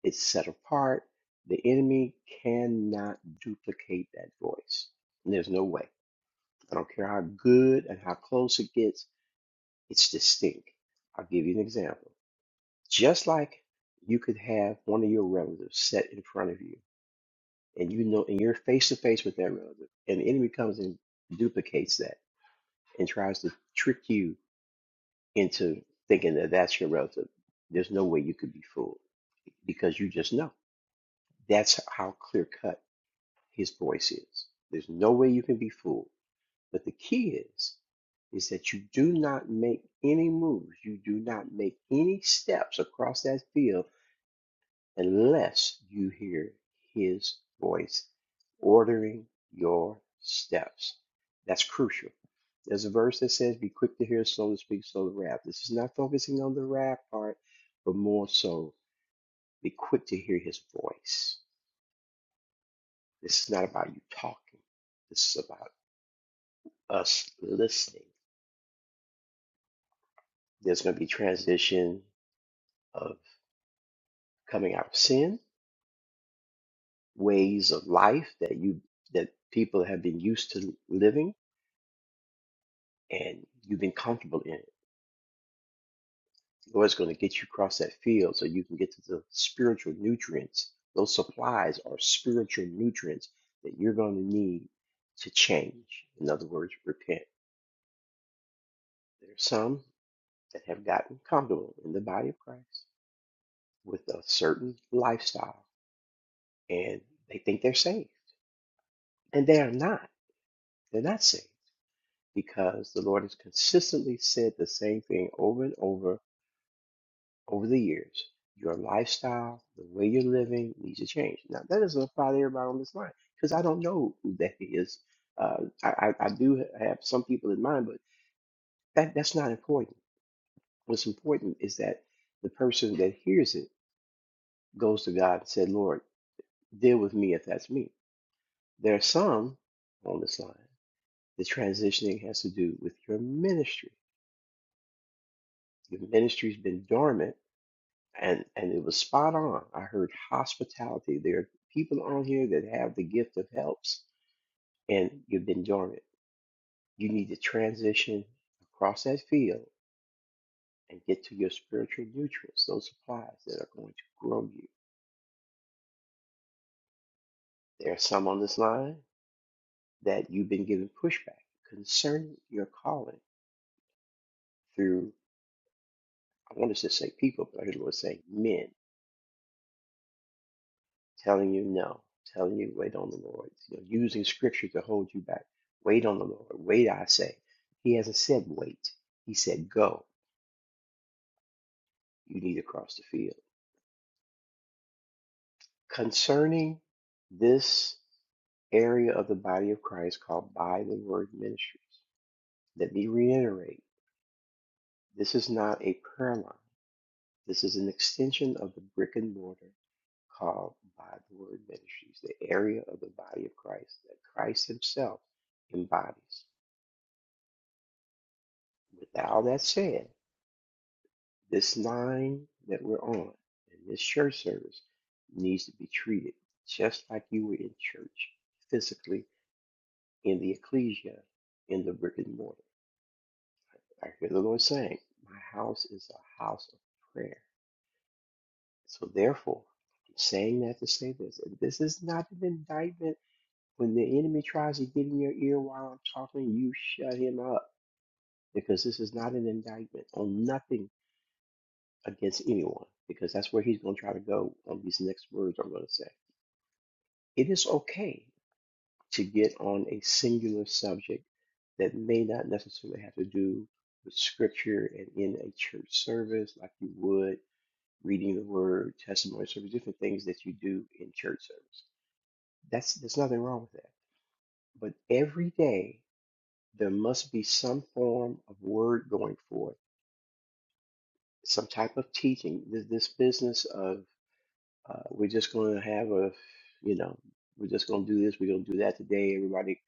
S13: it's set apart. The enemy cannot duplicate that voice. And there's no way. I don't care how good and how close it gets, it's distinct. I'll give you an example. Just like you could have one of your relatives set in front of you, and you know, and you're face to face with that relative, and the enemy comes and duplicates that and tries to trick you into thinking that that's your relative. There's no way you could be fooled because you just know. That's how clear cut his voice is. There's no way you can be fooled. But the key is, is that you do not make any moves. You do not make any steps across that field unless you hear his voice ordering your steps. That's crucial. There's a verse that says, Be quick to hear, slow to speak, slow to wrath. This is not focusing on the wrath part, but more so, be quick to hear his voice. This is not about you talking, this is about us listening. There's going to be transition of coming out of sin, ways of life that you that people have been used to living and you've been comfortable in it. The Lord's going to get you across that field so you can get to the spiritual nutrients. Those supplies are spiritual nutrients that you're going to need to change. In other words, repent. There are some that have gotten comfortable in the body of Christ with a certain lifestyle and they think they're saved. And they are not. They're not saved because the Lord has consistently said the same thing over and over over the years, your lifestyle, the way you're living needs to change. Now, that doesn't apply to everybody on this line because I don't know who that is. Uh, I, I, I do have some people in mind, but that, that's not important. What's important is that the person that hears it goes to God and said, Lord, deal with me if that's me. There are some on this line. The transitioning has to do with your ministry. Your ministry's been dormant and and it was spot on. I heard hospitality. There are people on here that have the gift of helps, and you've been dormant. You need to transition across that field and get to your spiritual nutrients, those supplies that are going to grow you. There are some on this line that you've been given pushback concerning your calling through. I want to just say people, but I hear the Lord saying men. telling you no, telling you wait on the Lord, you know, using scripture to hold you back. Wait on the Lord. Wait, I say. He hasn't said wait. He said go. You need to cross the field. Concerning this area of the body of Christ called by the word ministries, let me reiterate, this is not a prayer line. This is an extension of the brick and mortar called by the word ministries, the area of the body of Christ that Christ himself embodies. With all that said, this line that we're on and this church service needs to be treated just like you were in church, physically, in the ecclesia, in the brick and mortar. I hear the Lord saying, My house is a house of prayer. So therefore, I'm saying that to say this. and This is not an indictment. When the enemy tries to get in your ear while I'm talking, you shut him up because this is not an indictment on nothing against anyone because that's where he's going to try to go on these next words I'm going to say. It is okay to get on a singular subject that may not necessarily have to do with scripture and in a church service, like you would reading the word, testimony service, different things that you do in church service. That's there's nothing wrong with that. But every day there must be some form of word going forth, some type of teaching. This, this business of uh, we're just going to have a, you know, we're just going to do this, we're going to do that today. Everybody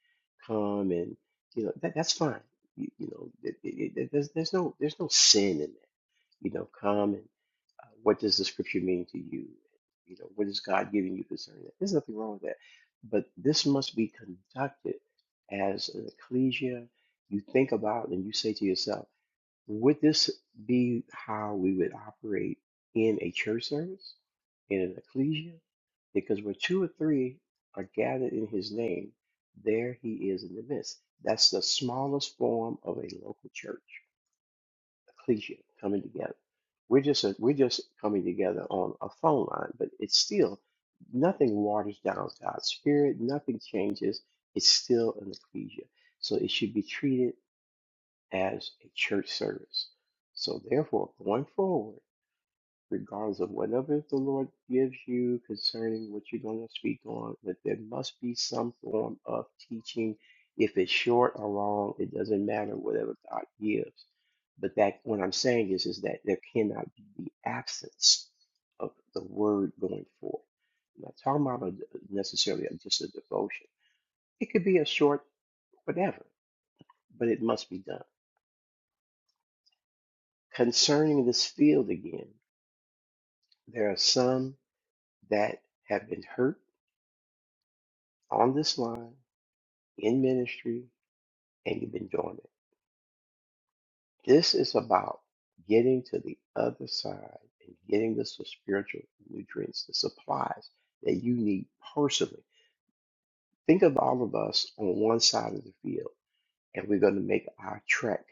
S13: come and, you know, that, that's fine. You, you know, it, it, it, there's, there's no there's no sin in that. You know, come and uh, what does the scripture mean to you? You know, what is God giving you concerning that? There's nothing wrong with that. But this must be conducted as an ecclesia. You think about and you say to yourself, would this be how we would operate in a church service, in an ecclesia? Because where two or three are gathered in his name, there he is in the midst. That's the smallest form of a local church, ecclesia, coming together. We're just a, we're just coming together on a phone line, but it's still nothing waters down God's spirit, nothing changes. It's still an ecclesia, so it should be treated as a church service. So, therefore, going forward, regardless of whatever the Lord gives you concerning what you're going to speak on, that there must be some form of teaching. If it's short or long, it doesn't matter, whatever God gives. But that what I'm saying is, is that there cannot be the absence of the word going forth. I'm not talking about a, necessarily just a devotion. It could be a short whatever, but it must be done. Concerning this field again, there are some that have been hurt on this line in ministry and you've been doing it. This is about getting to the other side and getting the spiritual nutrients, the supplies that you need personally. Think of all of us on one side of the field and we're going to make our trek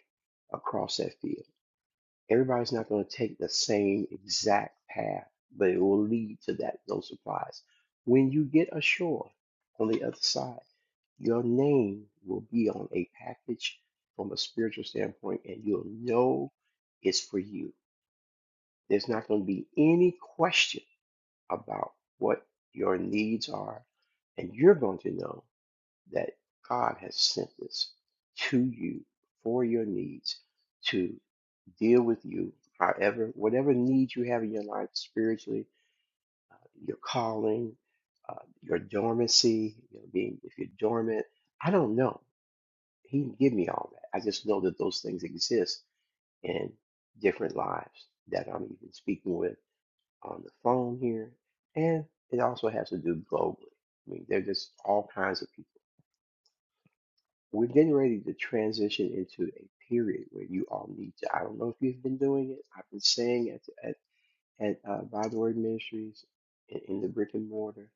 S13: across that field. Everybody's not going to take the same exact path, but it will lead to that those supplies. When you get ashore on the other side, your name will be on a package from a spiritual standpoint, and you'll know it's for you. There's not going to be any question about what your needs are, and you're going to know that God has sent this to you for your needs to deal with you however whatever needs you have in your life spiritually your calling uh, your dormancy you know, being if you're dormant i don't know he didn't give me all that i just know that those things exist in different lives that i'm even speaking with on the phone here and it also has to do globally i mean they're just all kinds of people we're getting ready to transition into a period where you all need to i don't know if you've been doing it i've been saying at it at uh, By the Word Ministries in, in the brick and mortar.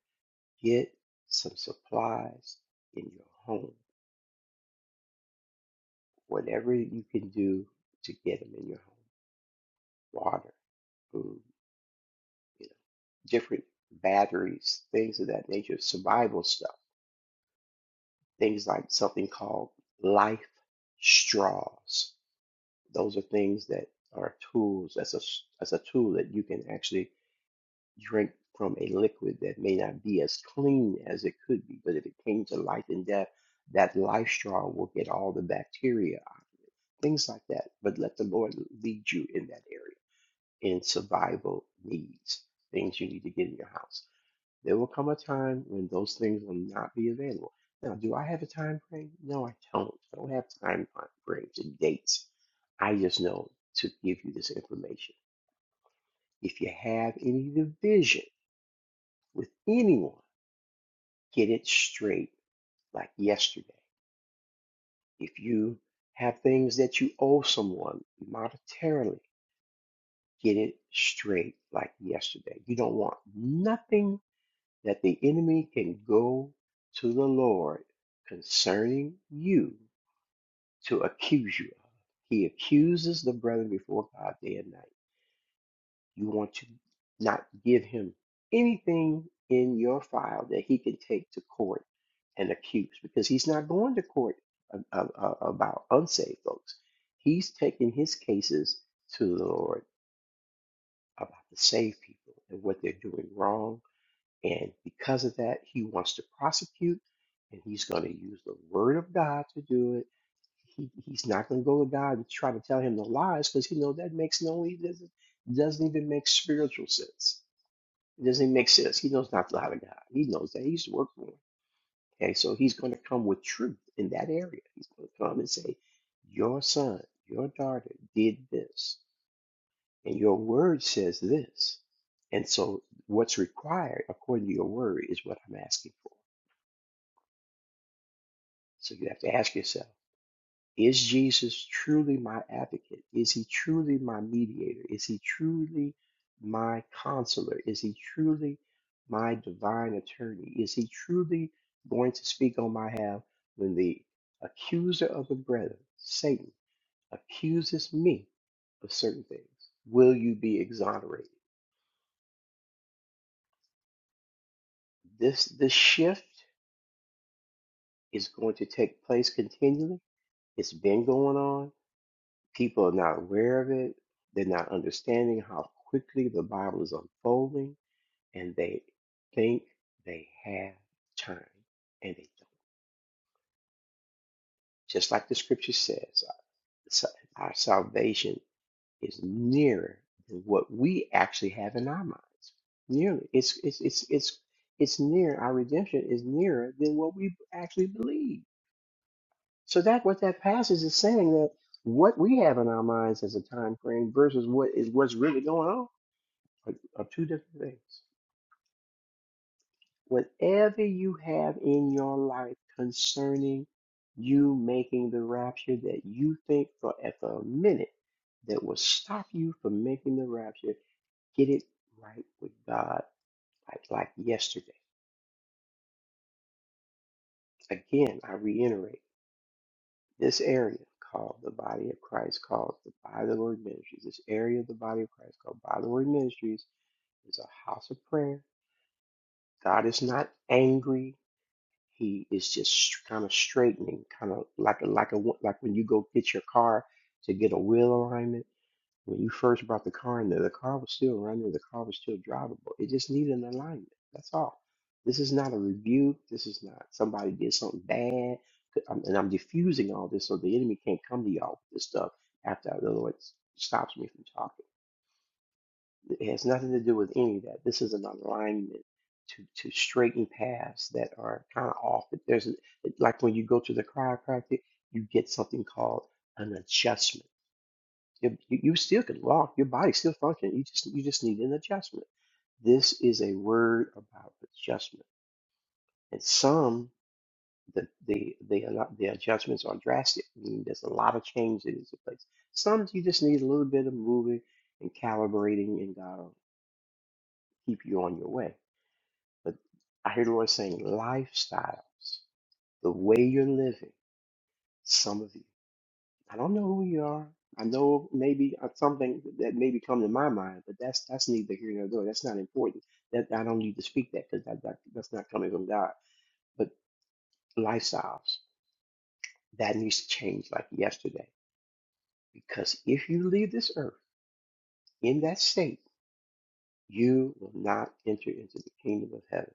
S13: Get some supplies in your home. Whatever you can do to get them in your home. Water, food, you know, different batteries, things of that nature, survival stuff. Things like something called life straws. Those are things that are tools. That's a s- that's a tool that you can actually drink from a liquid that may not be as clean as it could be, but if it came to life and death, that life straw will get all the bacteria, things like that. But let the Lord lead you in that area, in survival needs, things you need to get in your house. There will come a time when those things will not be available. Now, do I have a time frame? No, I don't. I don't have time frames and dates. I just know to give you this information. If you have any division with anyone, get it straight like yesterday. If you have things that you owe someone monetarily, get it straight like yesterday. You don't want nothing that the enemy can go to the Lord concerning you to accuse you of. He accuses the brethren before God day and night. You want to not give him anything in your file that he can take to court and accuse because he's not going to court a- a- a- about unsaved folks. He's taking his cases to the Lord about the saved people and what they're doing wrong. And because of that, he wants to prosecute and he's going to use the word of God to do it. He, he's not going to go to God and try to tell him the lies because he know that makes no e, doesn't doesn't even make spiritual sense it doesn't make sense. He knows not how to guide. He knows that he used to work for him. Okay, so he's going to come with truth in that area. He's going to come and say, Your son, your daughter did this, and your word says this. And so, what's required according to your word is what I'm asking for. So, you have to ask yourself. Is Jesus truly my advocate? Is he truly my mediator? Is he truly my counselor? Is he truly my divine attorney? Is he truly going to speak on my behalf when the accuser of the brethren, Satan, accuses me of certain things? Will you be exonerated? This this shift is going to take place continually. It's been going on People are not aware of it. They're not understanding how quickly the Bible is unfolding, and they think they have time, and they don't. Just like the scripture says, sa- our salvation is nearer than what we actually have in our minds. Nearly, it's it's it's it's it's near. Our redemption is nearer than what we actually believe. So that what that passage is saying that what we have in our minds as a time frame versus what is what's really going on are, are two different things. Whatever you have in your life concerning you making the rapture that you think for at the minute that will stop you from making the rapture, get it right with God like, like yesterday. Again, I reiterate this area called the body of Christ, called the By the Word Ministries. This area of the body of Christ called By the Word Ministries is a house of prayer. God is not angry He is just kind of straightening, kind of like a like a like when you go get your car to get a wheel alignment. When you first brought the car in there, the car was still running, the car was still drivable. It just needed an alignment. That's all. This is not a rebuke. This is not somebody did something bad. I'm- And I'm diffusing all this so the enemy can't come to y'all with this stuff after the Lord stops me from talking. It has nothing to do with any of that. This is an alignment to to straighten paths that are kind of off. But There's an- it- like when you go to the chiropractor, you get something called an adjustment. You, you you still can walk, your body still functions. You just you just need an adjustment. This is a word about adjustment, and some the the the a lot- the adjustments are drastic. I mean, there's a lot of change that is in place. Some you just need a little bit of moving and calibrating, and God will keep you on your way But I hear the Lord saying lifestyles, the way you're living. Some of you, I don't know who you are. I know maybe uh, something that maybe come to my mind, but that's that's neither here nor there. That's not important. That I don't need to speak that because that, that that's not coming from God. But lifestyles that needs to change like yesterday, because if you leave this earth in that state, you will not enter into the kingdom of heaven.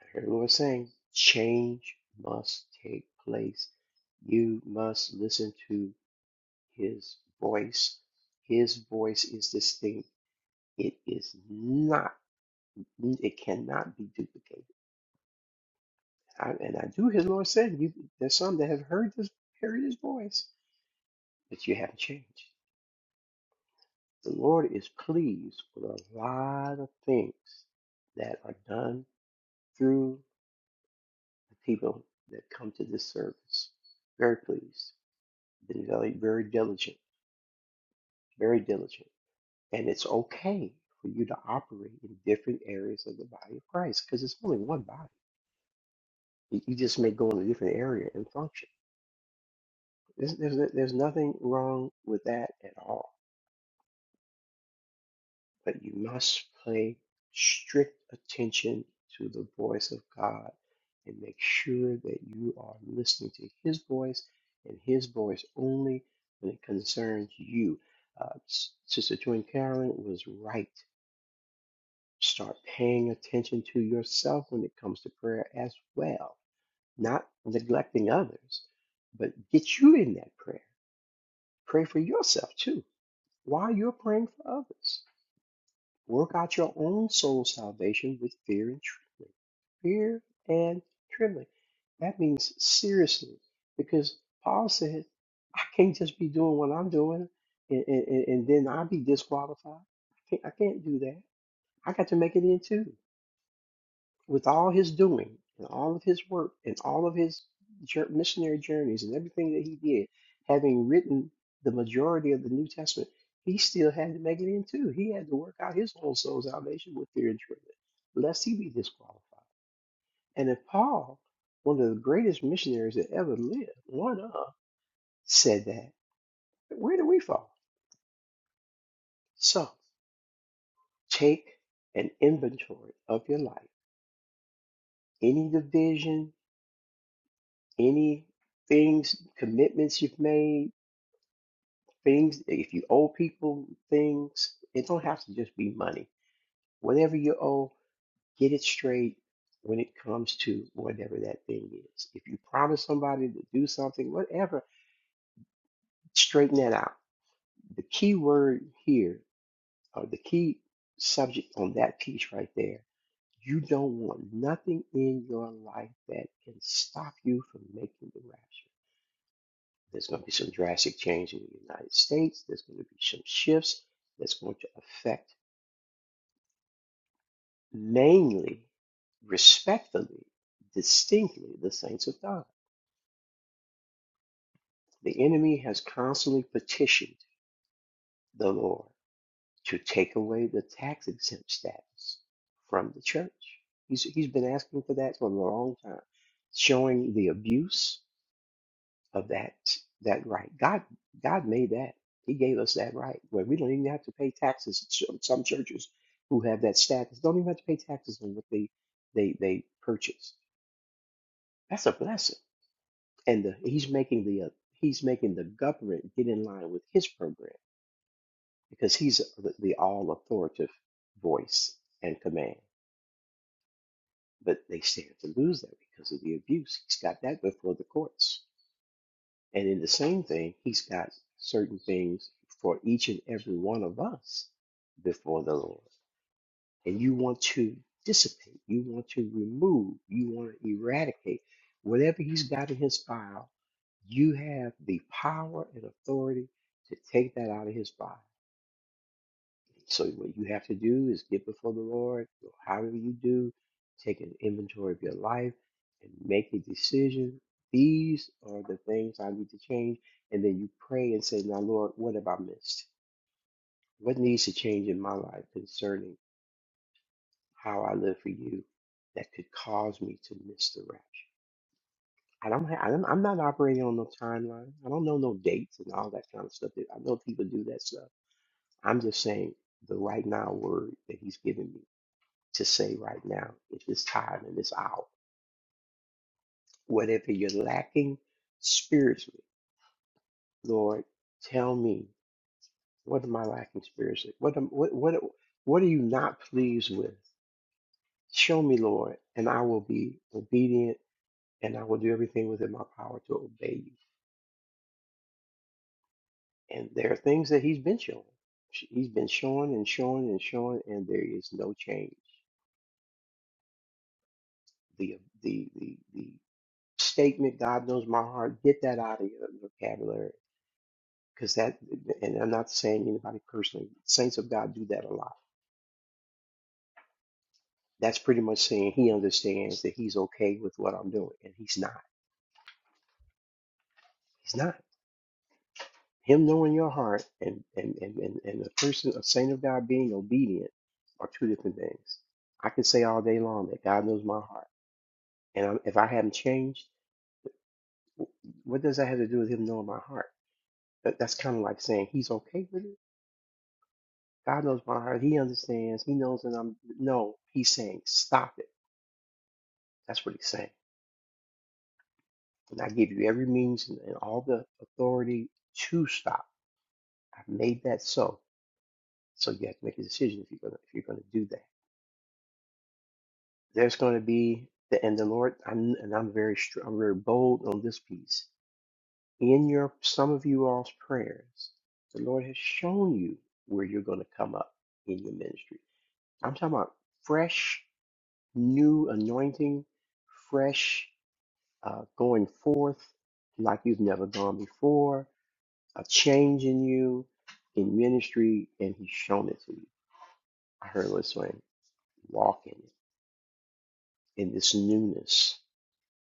S13: I heard the Lord saying, change must take place. You must listen to his voice. His voice is distinct. It is not, it cannot be duplicated. I, and I do, his Lord said, you, there's some that have heard this, heard his voice, but you haven't changed. The Lord is pleased with a lot of things that are done through the people that come to this service. Very pleased. Be very very diligent, very diligent. And it's okay for you to operate in different areas of the body of Christ because it's only one body. You you just may go in a different area and function. There's, there's, there's nothing wrong with that at all. But you must pay strict attention to the voice of God and make sure that you are listening to His voice and His voice only when it concerns you. Uh, S- Sister Twin Carolyn was right Start paying attention to yourself when it comes to prayer as well, not neglecting others, but get you in that prayer. Pray for yourself too while you're praying for others. Work out your own soul salvation with fear and trembling. Fear and trembling. That means seriously, because Paul said, I can't just be doing what I'm doing and, and, and and then I'll be disqualified. I can't, I can't do that. I got to make it in too. with all his doing and all of his work and all of his jour- missionary journeys and everything that he did, having written the majority of the New Testament, he still had to make it in too. He had to work out his own soul salvation with fear and trembling, lest he be disqualified. And if Paul, one of the greatest missionaries that ever lived, one of, said that, where do we fall? So take an inventory of your life, any division, any things, commitments you've made Things, if you owe people things, it don't have to just be money. Whatever you owe, get it straight when it comes to whatever that thing is. If you promise somebody to do something, whatever, straighten that out. The key word here, or the key subject on that piece right there, you don't want nothing in your life that can stop you from making the rapture. There's going to be some drastic change in the United States. There's going to be some shifts that's going to affect Mainly, respectfully, distinctly, the saints of God. The enemy has constantly petitioned the Lord to take away the tax exempt status from the church. He's, he's been asking for that for a long time, showing the abuse of that that right. God God made that. He gave us that right where we don't even have to pay taxes. Some some churches who have that status don't even have to pay taxes on what they they they purchase. That's a blessing and the, he's making the uh, he's making the government get in line with his program because he's the, the all authoritative voice and command. But they stand to lose that because of the abuse. He's got that before the courts, and in the same thing, he's got certain things for each and every one of us before the Lord. and you want to dissipate, you want to remove, you want to eradicate whatever he's got in his file, you have the power and authority to take that out of his body. So what you have to do is get before the Lord, or however you do, take an inventory of your life and make a decision. These are the things I need to change. And then you pray and say, Now Lord, what have I missed? What needs to change in my life concerning how I live for you that could cause me to miss the rapture. I don't have, I don't, I'm not operating on no timeline. I don't know no dates and all that kind of stuff. I know people do that stuff. I'm just saying the right now word that he's given me to say right now in this time and this hour. Whatever you're lacking spiritually, Lord, tell me what am I lacking spiritually? What am, what, what, what are you not pleased with? Show me, Lord, and I will be obedient and I will do everything within my power to obey you. And there are things that he's been showing. Sh- He's been showing and showing and showing, and there is no change. The the the the statement "God knows my heart" get that out of your vocabulary because that. And I'm not saying anybody personally. Saints of God do that a lot. That's pretty much saying he understands that he's okay with what I'm doing, and he's not. He's not. Him knowing your heart and and and and, and a person, a saint of God, being obedient are two different things. I can say all day long that God knows my heart, and I'm, if I haven't changed, what does that have to do with Him knowing my heart? That, that's kind of like saying He's okay with it. God knows my heart. He understands. He knows that I'm no. He's saying stop it. That's what He's saying. And I give you every means and, and all the authority to stop. I've made that so. So you have to make a decision if you're gonna if you're gonna do that. There's going to be the and the Lord. I'm and I'm very str- I'm very bold on this piece. In your some of you all's prayers, the Lord has shown you where you're going to come up in your ministry. I'm talking about fresh, new anointing, fresh uh, going forth like you've never gone before. A change in you in ministry, and He's shown it to you. I heard Liz saying, "Walk in it in this newness."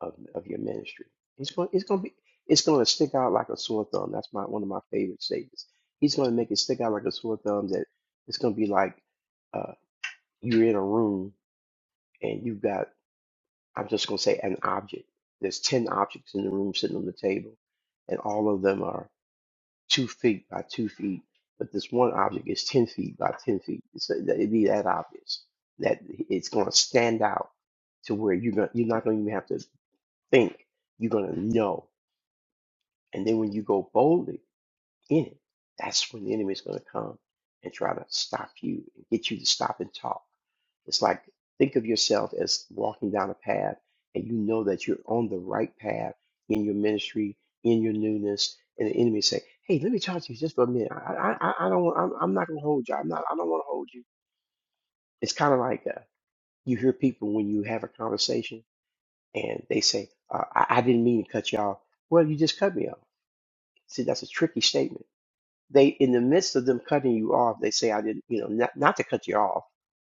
S13: of, of your ministry. He's going it's going to be it's going to stick out like a sore thumb. That's my one of my favorite statements. He's going to make it stick out like a sore thumb that it's going to be like uh, you're in a room and you've got I'm just going to say an object. There's 10 objects in the room sitting on the table and all of them are 2 feet by 2 feet, but this one object is 10 feet by 10 feet. It's, it'd be that obvious that it's going to stand out to where you're going you're not going to even have to think. You're going to know And then when you go boldly in it, that's when the enemy is going to come and try to stop you and get you to stop and talk. It's like think of yourself as walking down a path and you know that you're on the right path in your ministry, in your newness, and the enemy say, "Hey, let me talk to you just for a minute. I, I, I I don't, want, I'm, I'm not going to hold you. I'm not. I don't want to hold you." It's kind of like uh, you hear people when you have a conversation and they say, uh, I, "I didn't mean to cut you off." Well, you just cut me off. See, that's a tricky statement They, in the midst of them cutting you off, they say, I didn't, you know, not, not to cut you off.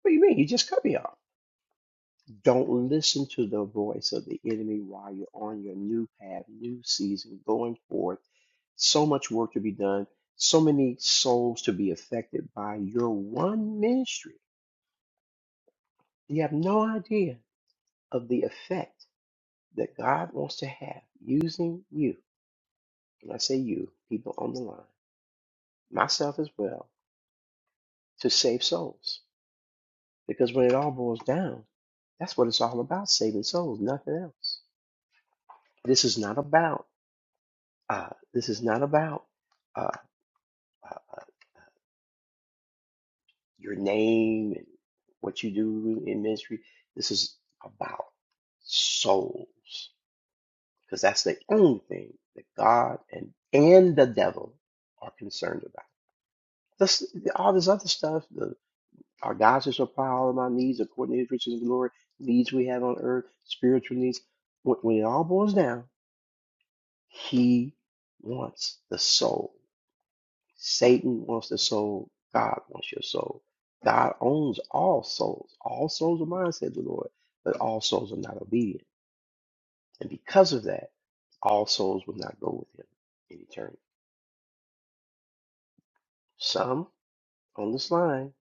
S13: What do you mean? You just cut me off. Don't listen to the voice of the enemy while you're on your new path, new season, going forth. So much work to be done, so many souls to be affected by your one ministry. You have no idea of the effect that God wants to have using you. When I say you, people on the line, myself as well, to save souls Because when it all boils down, that's what it's all about, saving souls, nothing else. This is not about uh, this is not about uh, uh, your name and what you do in ministry. This is about souls. Because that's the only thing that God and, and the devil are concerned about. This, all this other stuff, the, our God shall supply all of my needs according to his riches and glory, needs we have on earth, spiritual needs. When, when it all boils down, He wants the soul. Satan wants the soul. God wants your soul. God owns all souls. All souls are mine, said the Lord, but all souls are not obedient. And because of that, all souls will not go with him in eternity. Some on this line,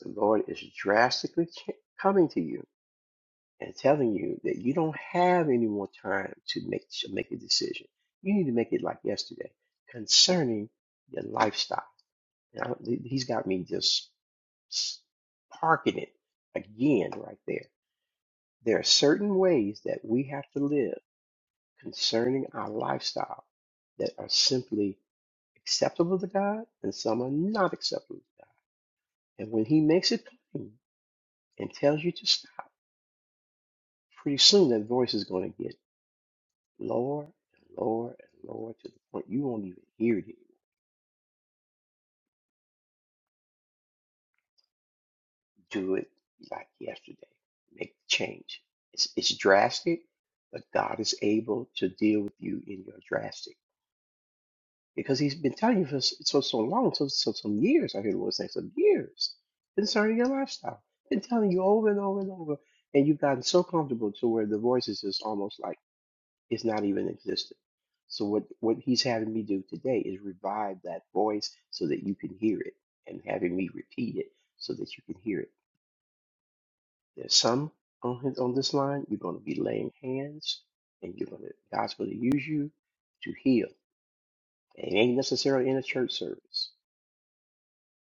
S13: the Lord is drastically ch- coming to you and telling you that you don't have any more time to make, to make a decision. You need to make it like yesterday concerning your lifestyle Now, he's got me just parking it again right there. There are certain ways that we have to live concerning our lifestyle that are simply acceptable to God and some are not acceptable to God. And when he makes it plain and tells you to stop, pretty soon that voice is going to get lower and lower and lower to the point you won't even hear it do it like yesterday. Make the change. It's, it's drastic, but God is able to deal with you in your drastic because He's been telling you for s- so so long, so so some years. I hear the Lord say some years concerning your lifestyle. Been telling you over and over and over, and you've gotten so comfortable to where the voice is just almost like it's not even existent. So what what He's having me do today is revive that voice so that you can hear it, and having me repeat it so that you can hear it There's some on his on this line. You're going to be laying hands, and you're going to God's going to use you to heal. It ain't necessarily in a church service.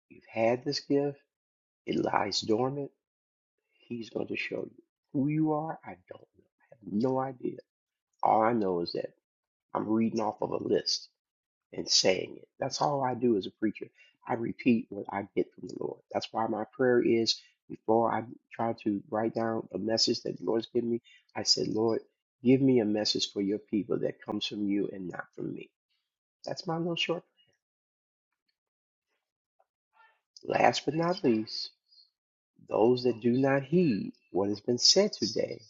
S13: You've had this gift; it lies dormant. He's going to show you who you are. I don't know. I have no idea. All I know is that I'm reading off of a list. and saying it. That's all I do as a preacher. I repeat what I get from the Lord. That's why my prayer is before I try to write down a message that the Lord's given me, I said, Lord, give me a message for your people that comes from you and not from me. That's my little short. Last but not least, those that do not heed what has been said today,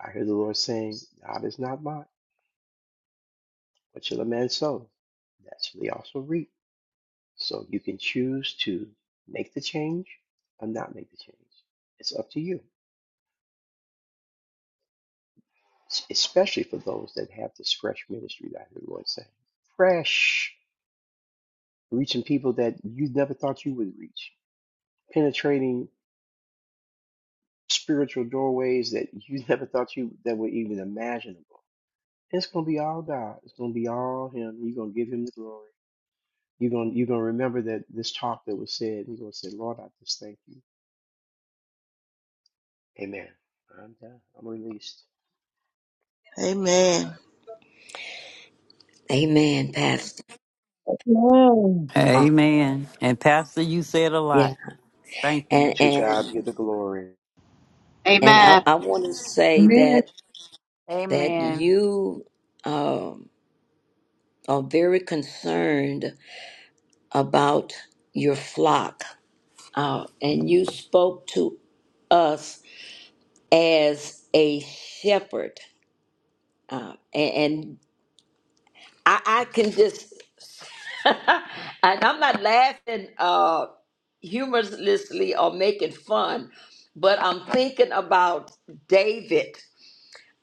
S13: I hear the Lord saying, God is not mocked. What shall a man sow? That shall he also reap. So you can choose to make the change or not make the change. It's up to you, especially for those that have this fresh ministry that I hear the Lord saying. Fresh, reaching people that you never thought you would reach, penetrating spiritual doorways that you never thought you that were even imaginable. It's gonna be all God. It's gonna be all Him. You're gonna give Him the glory. You're gonna you're gonna remember that this talk that was said. You're gonna say, Lord, I just thank you. Amen. I'm done. I'm released.
S15: Amen.
S10: Amen, Pastor.
S2: Amen.
S10: Uh,
S4: Amen. And Pastor, you said a
S10: yeah,
S4: lot. Thank you.
S10: and
S13: To God be
S10: and
S13: the glory.
S10: and I,
S12: Amen.
S10: I want to say
S1: Amen.
S10: that that
S11: Amen.
S10: you um, are very concerned about your flock, uh, and you spoke to us as a shepherd, uh, a- and, I, I can just, and I'm not laughing uh, humorously or making fun, but I'm thinking about David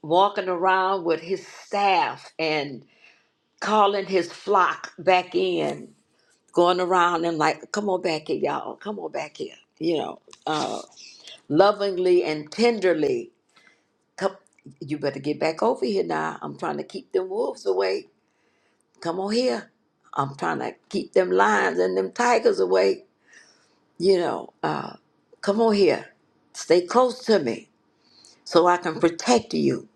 S10: walking around with his staff and calling his flock back in, going around and like, come on back here, y'all, come on back here, you know, uh, lovingly and tenderly. Come, you better get back over here now. I'm trying to keep them wolves away. Come on here I'm trying to keep them lions and them tigers away. You know, come on here, stay close to me so I can protect you.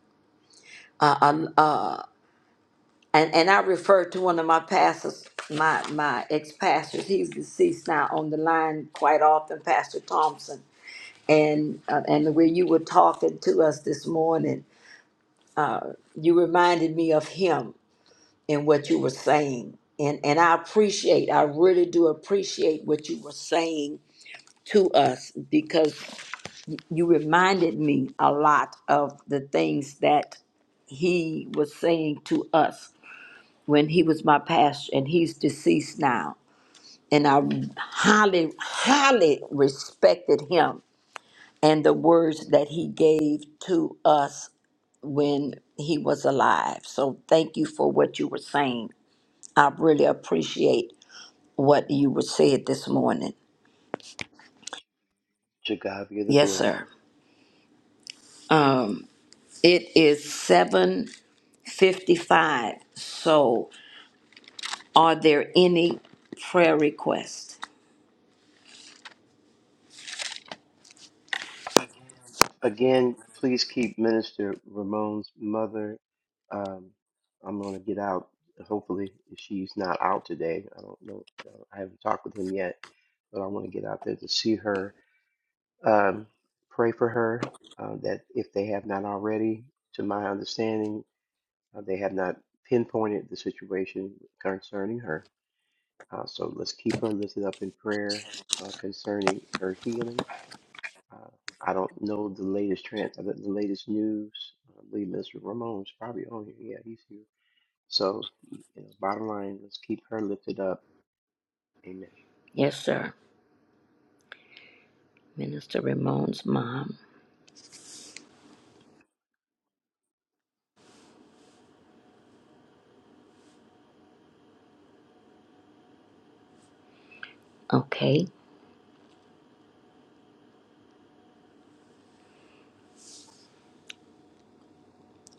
S10: Uh, um, uh, and and I refer to one of my pastors, my my ex pastors. He's deceased now on the line quite often, Pastor Thompson. And uh, and the way you were talking to us this morning, you reminded me of him and what you were saying. And and I appreciate, I really do appreciate what you were saying to us because you reminded me a lot of the things that he was saying to us when he was my pastor and he's deceased now and i highly highly respected him and the words that he gave to us when he was alive so thank you for what you were saying i really appreciate what you were said this morning
S13: To God be the
S10: yes
S13: glory.
S10: sir um it is 755 so Are there any prayer requests?
S13: Again, please keep Minister Ramon's mother. Um, I'm going to get out. Hopefully, if she's not out today. I don't know. I haven't talked with him yet, but I want to get out there to see her. Um, pray for her uh, that if they have not already, to my understanding, uh, they have not pinpointed the situation concerning her. Uh, so let's keep her lifted up in prayer uh, concerning her healing Uh, I don't know the latest trend, the, the latest news. I believe Mr. Ramon's probably on here. Yeah, he's here. So, you know, bottom line, let's keep her lifted up. Amen.
S10: Yes, sir. Minister Ramon's mom. Okay.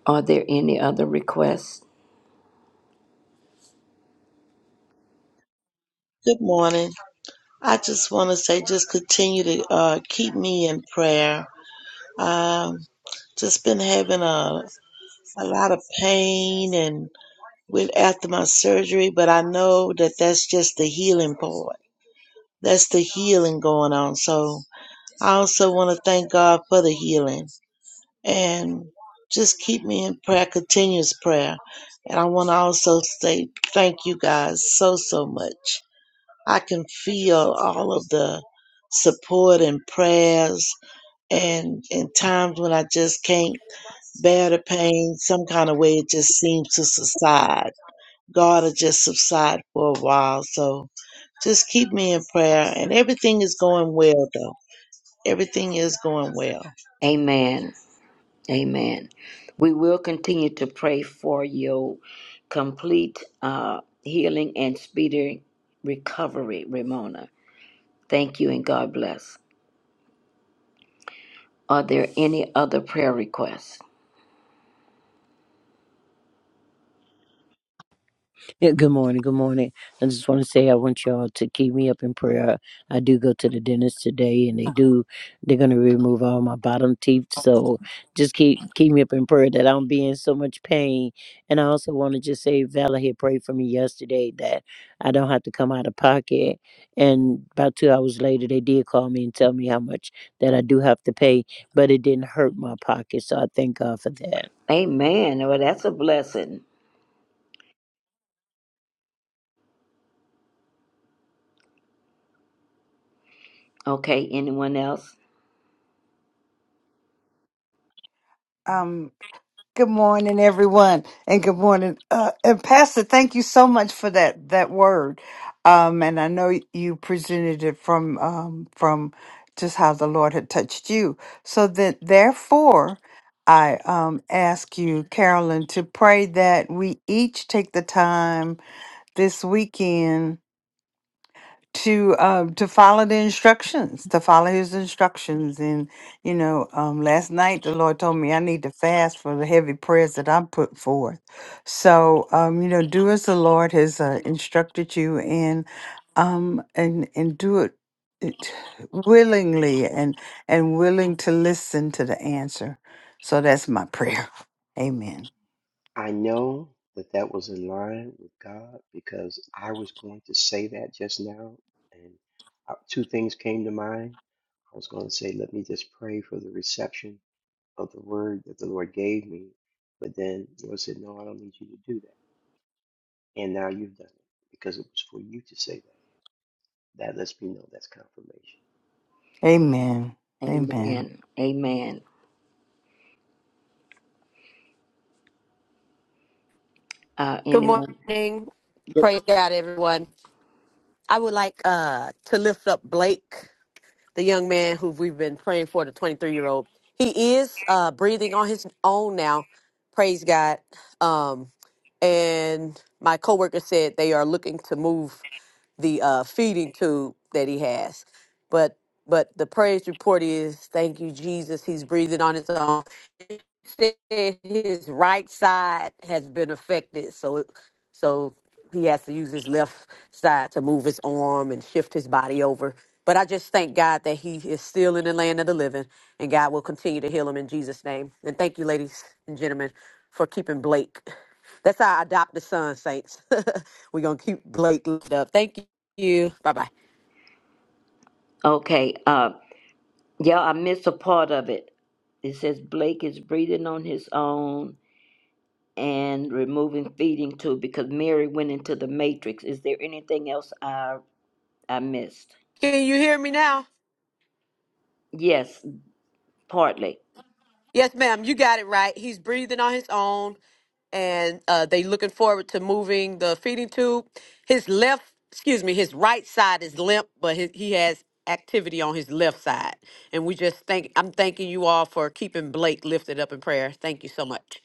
S10: Are there any other requests?
S15: Good morning. I just want to say, just continue to uh, keep me in prayer. Um, just been having a a lot of pain and with after my surgery, but I know that that's just the healing part. That's the healing going on. So I also want to thank God for the healing and just keep me in prayer, continuous prayer. And I want to also say thank you guys so so much. I can feel all of the support and prayers and in times when I just can't bear the pain, some kind of way it just seems to subside. God will just subside for a while. So just keep me in prayer and everything is going well though. Everything is going well.
S10: Amen. Amen. We will continue to pray for your complete uh, healing and speedy recovery, Ramona. Thank you and God bless. Are there any other prayer requests?
S14: Yeah, good morning. Good morning. I just want to say I want y'all to keep me up in prayer. I do go to the dentist today, and they do. They're gonna remove all my bottom teeth, so just keep keep me up in prayer that I don't be in so much pain. And I also want to just say Valerie had prayed for me yesterday that I don't have to come out of pocket. And about two hours later, they did call me and tell me how much that I do have to pay, but it didn't hurt my pocket, so I thank God for that.
S10: Amen. Well, that's a blessing. Okay. Anyone else?
S11: Um, good morning, everyone, and good morning, uh, and Pastor. Thank you so much for that that word. Um, and I know you presented it from um from just how the Lord had touched you. So that therefore, I um ask you, Carolyn, to pray that we each take the time this weekend to uh, to follow the instructions, to follow his instructions. And you know, um, last night the Lord told me I need to fast for the heavy prayers that I put forth. So um, you know, do as the Lord has uh, instructed you, and um, and and do it it willingly and and willing to listen to the answer. So that's my prayer. Amen.
S13: I know that that was in line with God because I was going to say that just now, and uh, two things came to mind. I was going to say, let me just pray for the reception of the word that the Lord gave me. But then the Lord said, no, I don't need you to do that. And now you've done it because it was for you to say that. That lets me know that's confirmation.
S11: Amen. Amen.
S10: Amen. Amen. Uh,
S12: Good
S10: anyone?
S12: morning. Praise God, everyone. I would like uh, to lift up Blake, the young man who we've been praying for, the 23 year old. He is uh, breathing on his own now. Praise God. Um, and my coworker said they are looking to move. the uh, feeding tube that he has. But but the praise report is thank you Jesus. He's breathing on his own. He Said his right side has been affected, so so he has to use his left side to move his arm and shift his body over. But I just thank God that he is still in the land of the living, and God will continue to heal him in Jesus' name. And thank you, ladies and gentlemen, for keeping Blake. That's how I adopt the son, saints. We're going to keep Blake lifted up. Thank you you. Bye bye.
S10: Okay. Uh, yeah, I missed a part of it. It says Blake is breathing on his own and removing feeding tube because Mary went into the matrix. Is there anything else I I missed?
S12: Can you hear me now?
S10: Yes, partly.
S12: Yes, ma'am. You got it right. He's breathing on his own, and uh, they looking forward to moving the feeding tube. His left, excuse me, his right side is limp, but his, he has activity on his left side. And we just thank. I'm thanking you all for keeping Blake lifted up in prayer. Thank you so much.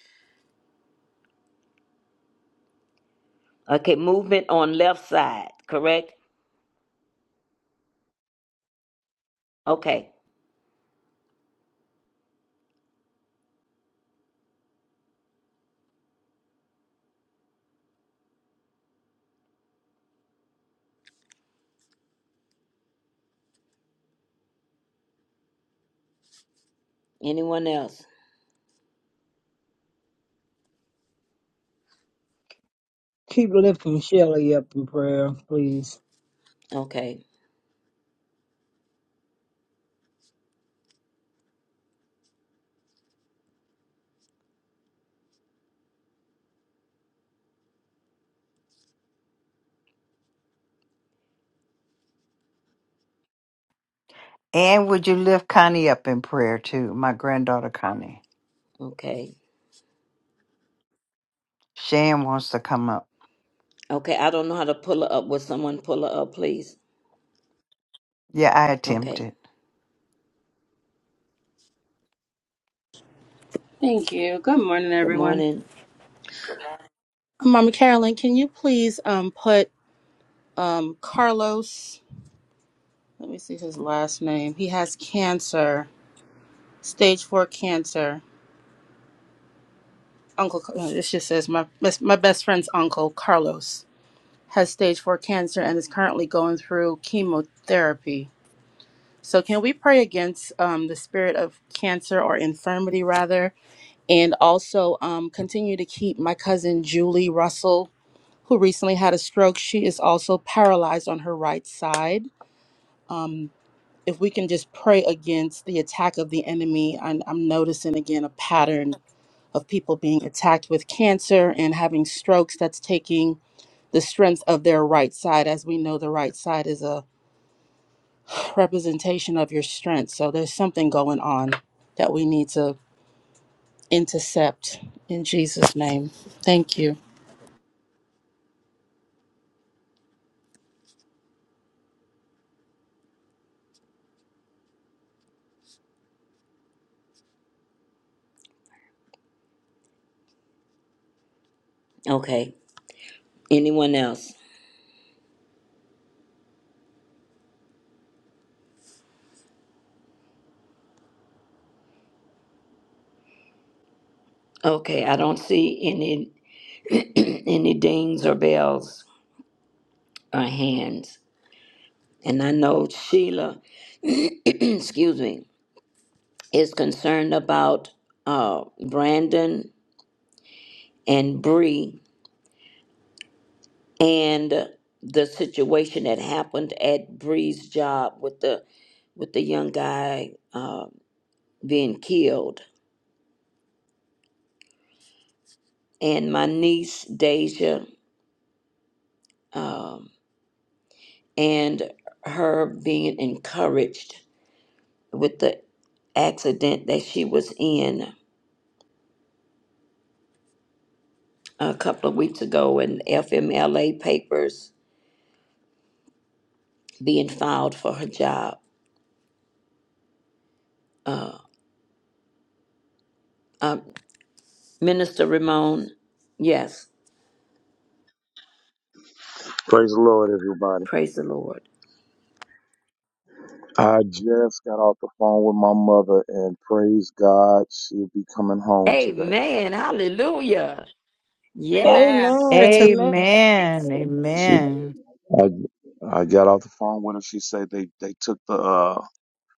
S10: Okay, movement on left side, correct? Okay. Anyone else?
S2: Keep lifting Shelley up in prayer, please.
S10: Okay.
S11: And would you lift Connie up in prayer too, my granddaughter Connie?
S10: Okay.
S11: Shan wants to come up.
S10: Okay. I don't know how to pull her up. Will someone pull her up, please?
S11: Yeah, I
S10: Okay.
S11: attempted.
S5: Thank you. Good morning,
S10: Good
S5: everyone.
S10: morning.
S5: Mama Carolyn, can you please um put um Carlos, let me see his last name. He has cancer, stage 4 cancer. uncle uh, it just says my my best friend's uncle carlos has stage 4 cancer and is currently going through chemotherapy so can we pray against um, the spirit of cancer or infirmity rather and also um, continue to keep my cousin julie russell who recently had a stroke she is also paralyzed on her right side if we can just pray against the attack of the enemy i'm, I'm noticing again a pattern of people being attacked with cancer and having strokes that's taking the strength of their right side. As we know, the right side is a representation of your strength. So there's something going on that we need to intercept in Jesus' name. Thank you.
S10: Okay. Anyone else? Okay, I don't see any any dings or bells or hands. And I know Sheila, excuse me, is concerned about uh, Brandon and Bree and the situation that happened at Bree's job with the with the young guy uh, being killed, and my niece Deja um, and her being encouraged with the accident that she was in a couple of weeks ago in FMLA papers being filed for her job. Uh, uh, Minister Ramon, yes,
S16: Praise the Lord, everybody.
S10: praise the Lord.
S16: I just got off the phone with my mother, and praise God, she'll be coming home today.
S10: Amen. Hallelujah. Yes.
S2: Amen.
S12: Amen.
S1: Her
S2: Amen.
S10: yes.
S11: Amen.
S16: She,
S11: Amen.
S16: I, I got off the phone with her. She said they they took the uh,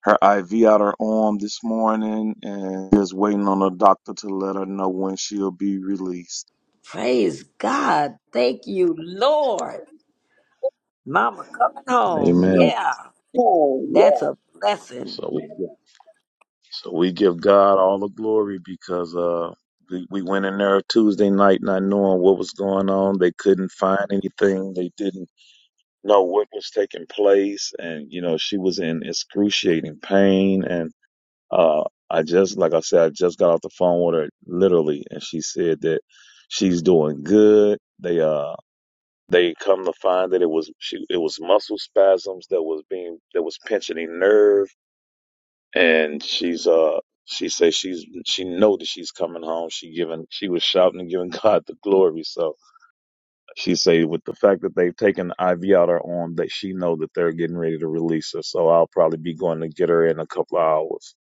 S16: her IV out her arm this morning, and just waiting on the doctor to let her know when she'll be released.
S10: Praise God. Thank you, Lord. Mama coming home.
S16: Amen.
S10: Yeah.
S16: Oh,
S10: That's
S16: yeah.
S10: a blessing.
S16: So. So we give God all the glory because uh we, we went in there Tuesday night not knowing what was going on. They couldn't find anything. They didn't know what was taking place and you know, she was in excruciating pain and uh I just like I said, I just got off the phone with her literally and she said that she's doing good. They uh they come to find that it was she it was muscle spasms that was being that was pinching a nerve and she's uh she says she's she know that she's coming home. She giving she was shouting and giving God the glory. So she say with the fact that they've taken the IV out her arm, that she know that they're getting ready to release her. So I'll probably be going to get her in a couple of hours.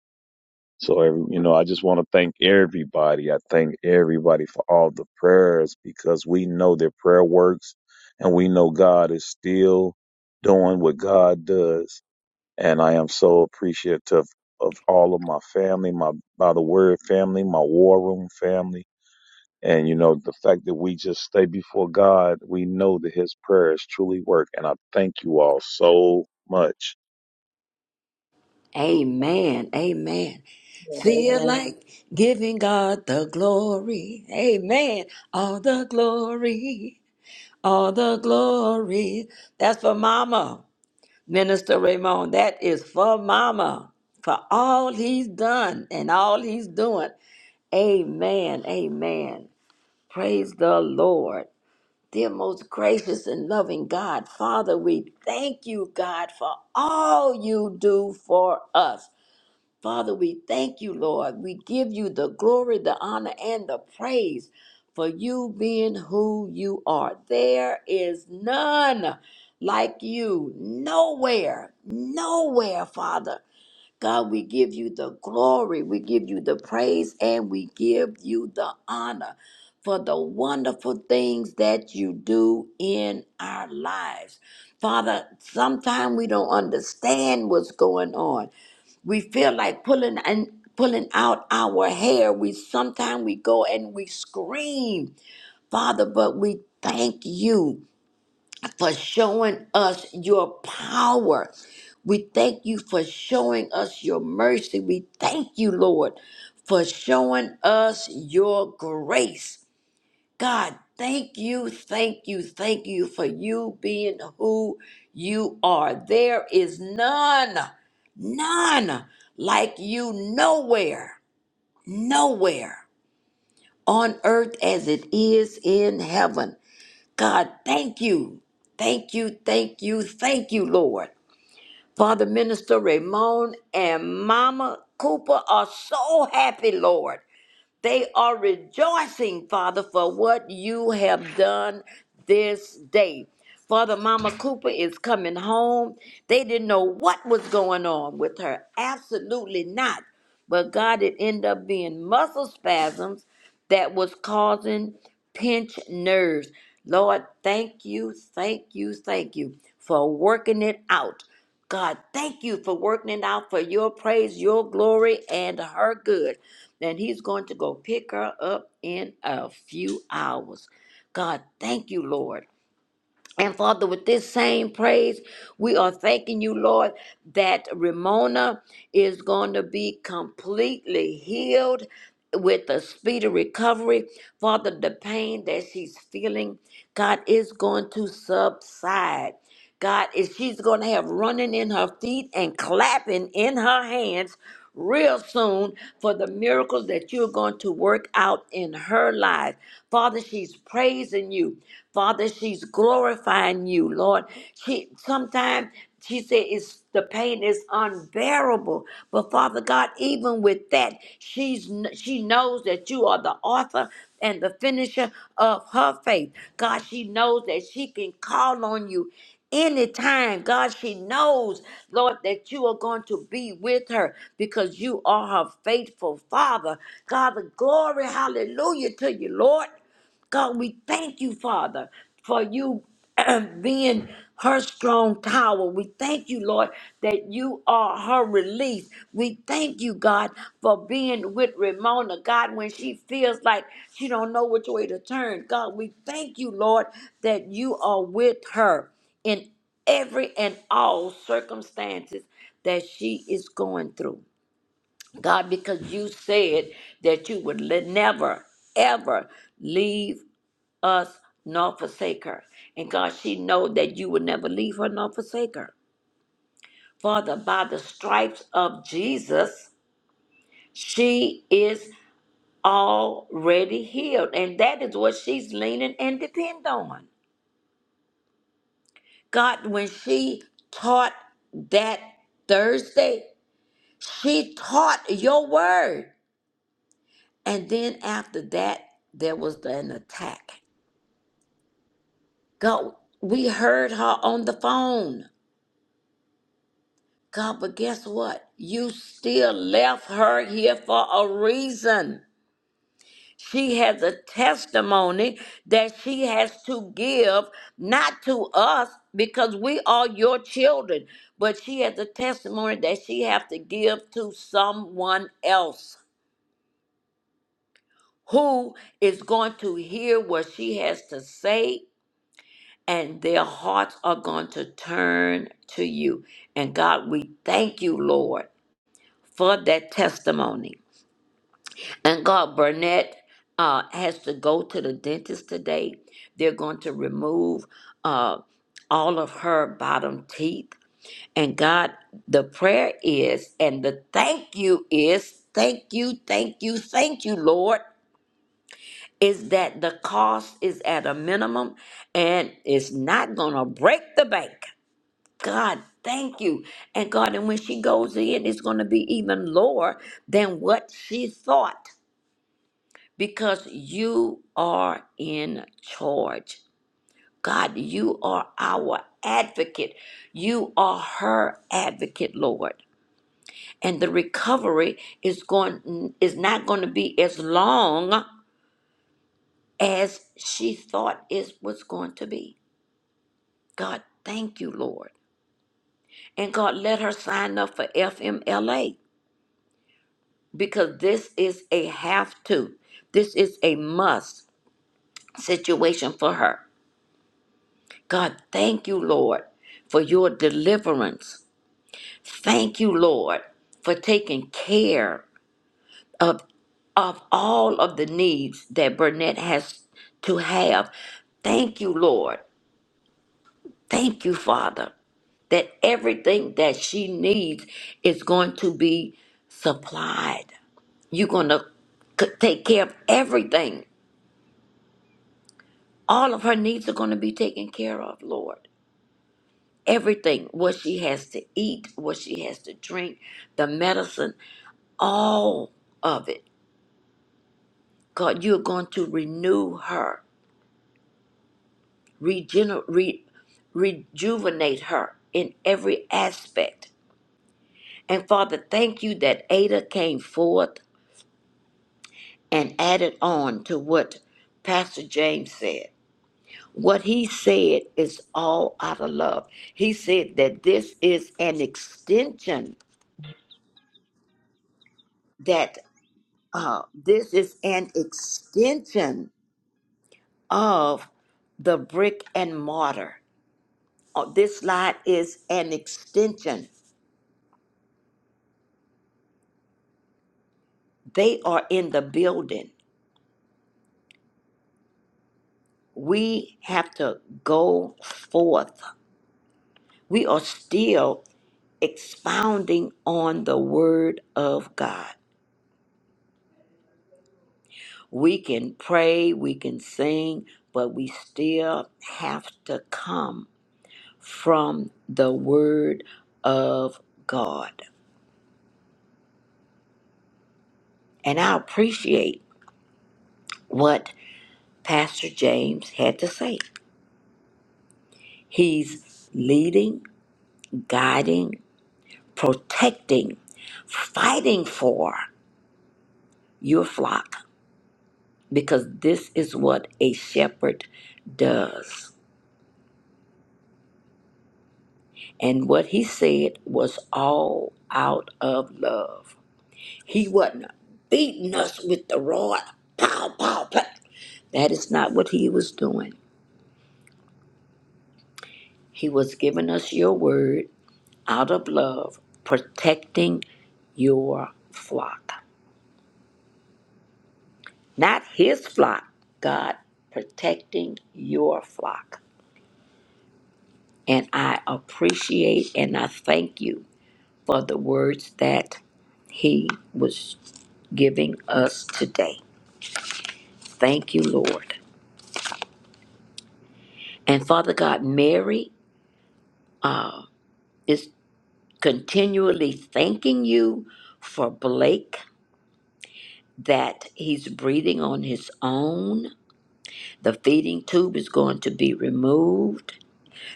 S16: So every, you know, I just want to thank everybody. I thank everybody for all the prayers because we know that prayer works, and we know God is still doing what God does and I am so appreciative of all of my family, my by the word family, my war room family, and you know the fact that we just stay before God, we know that His prayers truly work, and I thank you all so much
S10: Amen. Amen. Feel
S15: Amen.
S10: like giving God the glory. Amen. All the glory. All the glory. That's for Mama, Minister Ramon. That is for Mama for all he's done and all he's doing. Amen. Amen. Praise the Lord. Dear most gracious and loving God, Father, we thank you, God, for all you do for us. Father, we thank you, Lord. We give you the glory, the honor, and the praise for you being who you are. There is none like you, nowhere, nowhere, Father. God, we give you the glory, we give you the praise, and we give you the honor for the wonderful things that you do in our lives. Father, sometimes we don't understand what's going on we feel like pulling and pulling out our hair we sometimes we go and we scream father but we thank you for showing us your power we thank you for showing us your mercy we thank you lord for showing us your grace God, thank you, thank you, thank you for you being who you are. There is none, none like you nowhere, nowhere on earth as it is in heaven. God, thank you, thank you, thank you, thank you, Lord. Father Minister Ramon and Mama Cooper are so happy, Lord they are rejoicing, Father, for what you have done this day. Father, Mama Cooper is coming home. They didn't know what was going on with her. Absolutely not. But God, it ended up being muscle spasms that was causing pinched nerves. Lord, thank you, thank you, thank you for working it out. God, thank you for working it out for your praise, your glory, and her good and he's going to go pick her up in a few hours. God, thank you, Lord. And Father, with this same praise, we are thanking you, Lord, that Ramona is going to be completely healed with a speedy recovery. Father, the pain that she's feeling, God, is going to subside. God is she's going to have running in her feet and clapping in her hands real soon for the miracles that you're going to work out in her life. Father, she's praising you. Father, she's glorifying you, Lord. She sometimes she said it's the pain is unbearable. But Father God, even with that, she's kn- she knows that you are the author and the finisher of her faith. God, she knows that she can call on you Anytime, God, she knows, Lord, that you are going to be with her because you are her faithful father. God, the glory, hallelujah to you, Lord. God, we thank you, Father, for you being her strong tower. We thank you, Lord, that you are her relief. We thank you, God, for being with Ramona, God, when she feels like she don't know which way to turn. God, we thank you, Lord, that you are with her in every and all circumstances that she is going through. God, because you said that you would le- never, ever leave us nor forsake her. And God, she know that you will never leave her nor forsake her. Father, by the stripes of Jesus, she is already healed. And that is what she's leaning and depend on. God, when she taught that Thursday, she taught your word. And then after that, there was an attack. God, we heard her on the phone God, but guess what? You still left her here for a reason. She has a testimony that she has to give, not to us, because we are your children, but she has a testimony that she has to give to someone else who is going to hear what she has to say, and their hearts are going to turn to you. And God, we thank you, Lord, for that testimony. And God, Burnett uh, has to go to the dentist today. They're going to remove uh, all of her bottom teeth. And God, the prayer is, and the thank you is, thank you, thank you, thank you, Lord, is that the cost is at a minimum and it's not going to break the bank. God, thank you. And God, and when she goes in, it's going to be even lower than what she thought. because you are in charge. God, you are our advocate. You are her advocate, Lord. And the recovery is going is not going to be as long as she thought it was going to be. God, thank you, Lord. And God, let her sign up for FMLA because this is a have to. This is a must situation for her. God, thank you, Lord, for your deliverance. Thank you, Lord, for taking care of, of all of the needs that Burnett has to have. Thank you, Lord. Thank you, Father, that everything that she needs is going to be supplied. You're going to take care of everything. All of her needs are going to be taken care of, Lord. everything what she has to eat, what she has to drink, the medicine, all of it. God, you're going to renew her, regenerate, re, rejuvenate her in every aspect. And Father, thank you that Ada came forth and added on to what Pastor James said. What he said is all out of love. He said that this is an extension that. Uh, this is an extension of the brick and mortar. Uh, this slide is an extension. They are in the building. We have to go forth. We are still expounding on the word of God. We can pray, we can sing, but we still have to come from the word of God. And I appreciate what Pastor James had to say. He's leading, guiding, protecting, fighting for your flock because this is what a shepherd does. And what he said was all out of love. He wasn't beating us with the rod. Pow, pow, pow. That is not what he was doing. He was giving us your word out of love, protecting your flock. Not his flock, God, protecting your flock. And I appreciate and I thank you for the words that he was giving us today. Thank you, Lord. And Father God, Mary uh, is continually thanking you for Blake that he's breathing on his own The feeding tube is going to be removed,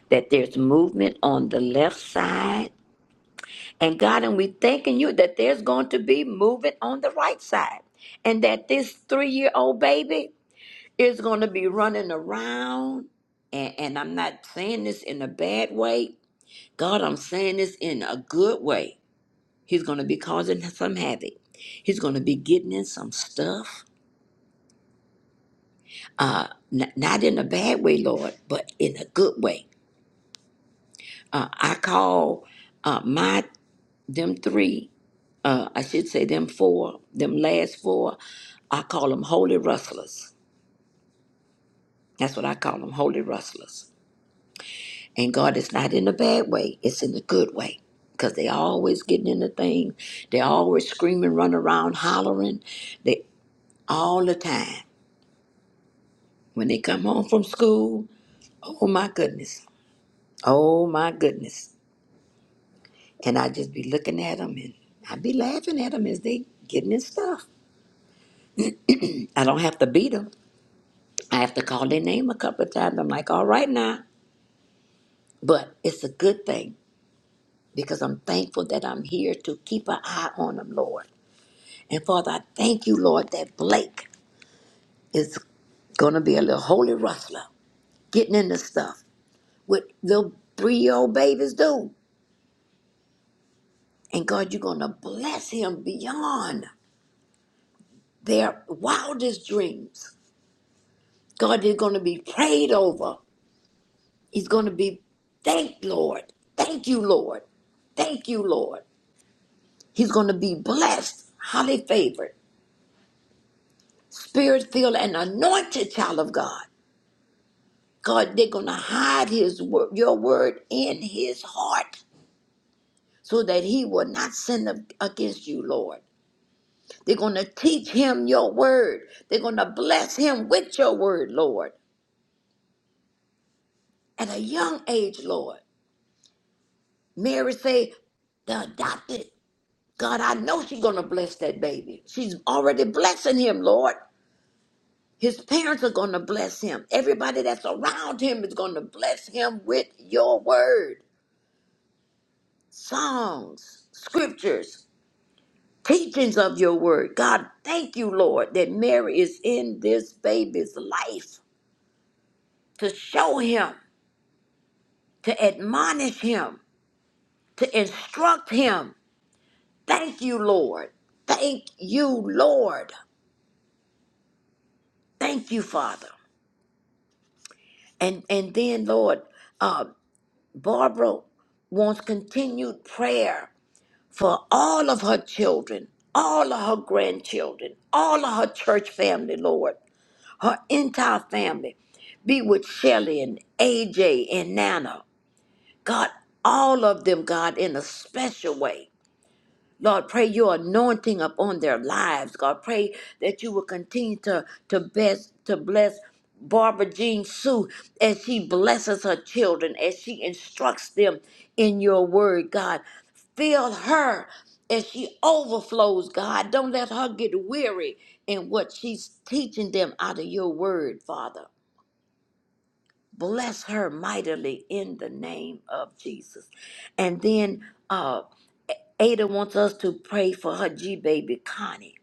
S10: that there's movement on the left side. And God, and we're thanking you that there's going to be movement on the right side, and that this three year old baby is going to be running around. And, and I'm not saying this in a bad way. God, I'm saying this in a good way. He's going to be causing some havoc. He's going to be getting in some stuff, N- not in a bad way, Lord, but in a good way Uh, I call uh, my them three. Uh, I should say them four. Them last four. I call them holy rustlers. That's what I call them, holy rustlers. And God is not in a bad way. It's in a good way. Because they always getting in the thing. They always screaming, run around, hollering. They all the time. When they come home from school, oh my goodness. Oh my goodness. And I just be looking at them and I be laughing at them as they getting this stuff. I don't have to beat 'em. I have to call their name a couple of times. I'm like, all right now. But it's a good thing because I'm thankful that I'm here to keep an eye on them, Lord. And Father, I thank you, Lord, that Blake is going to be a little holy rustler, getting into stuff with little three year old babies do. And God, you're going to bless him beyond their wildest dreams. God, they're going to be prayed over. He's going to be thanked, Lord. Thank you, Lord. Thank you, Lord. He's going to be blessed, highly favored, spirit filled, and anointed child of God. God, they're going to hide His word, your word in His heart, so that He will not sin ag- against you, Lord. They're going to teach him your word. They're going to bless him with your word, Lord. At a young age, Lord. Mary say, the adopted. God, I know she's going to bless that baby. She's already blessing him, Lord. His parents are going to bless him. Everybody that's around him is going to bless him with your word, songs, scriptures, teachings of your word. God, thank you, Lord, that Mary is in this baby's life to show him, to admonish him, to instruct him. Thank you, Lord. Thank you, Lord. Thank you, Father. And and then, Lord, uh, Barbara wants continued prayer for all of her children, all of her grandchildren, all of her church family, Lord, her entire family. Be with Shelly and AJ and Nana. God, all of them, God, in a special way. Lord, pray your anointing upon their lives. God, pray that you will continue to to best to bless Barbara Jean Sue as she blesses her children, as she instructs them in your word, God. Fill her as she overflows, God. Don't let her get weary in what she's teaching them out of your word, Father. Bless her mightily in the name of Jesus. And then uh, Ada wants us to pray for her G baby Connie.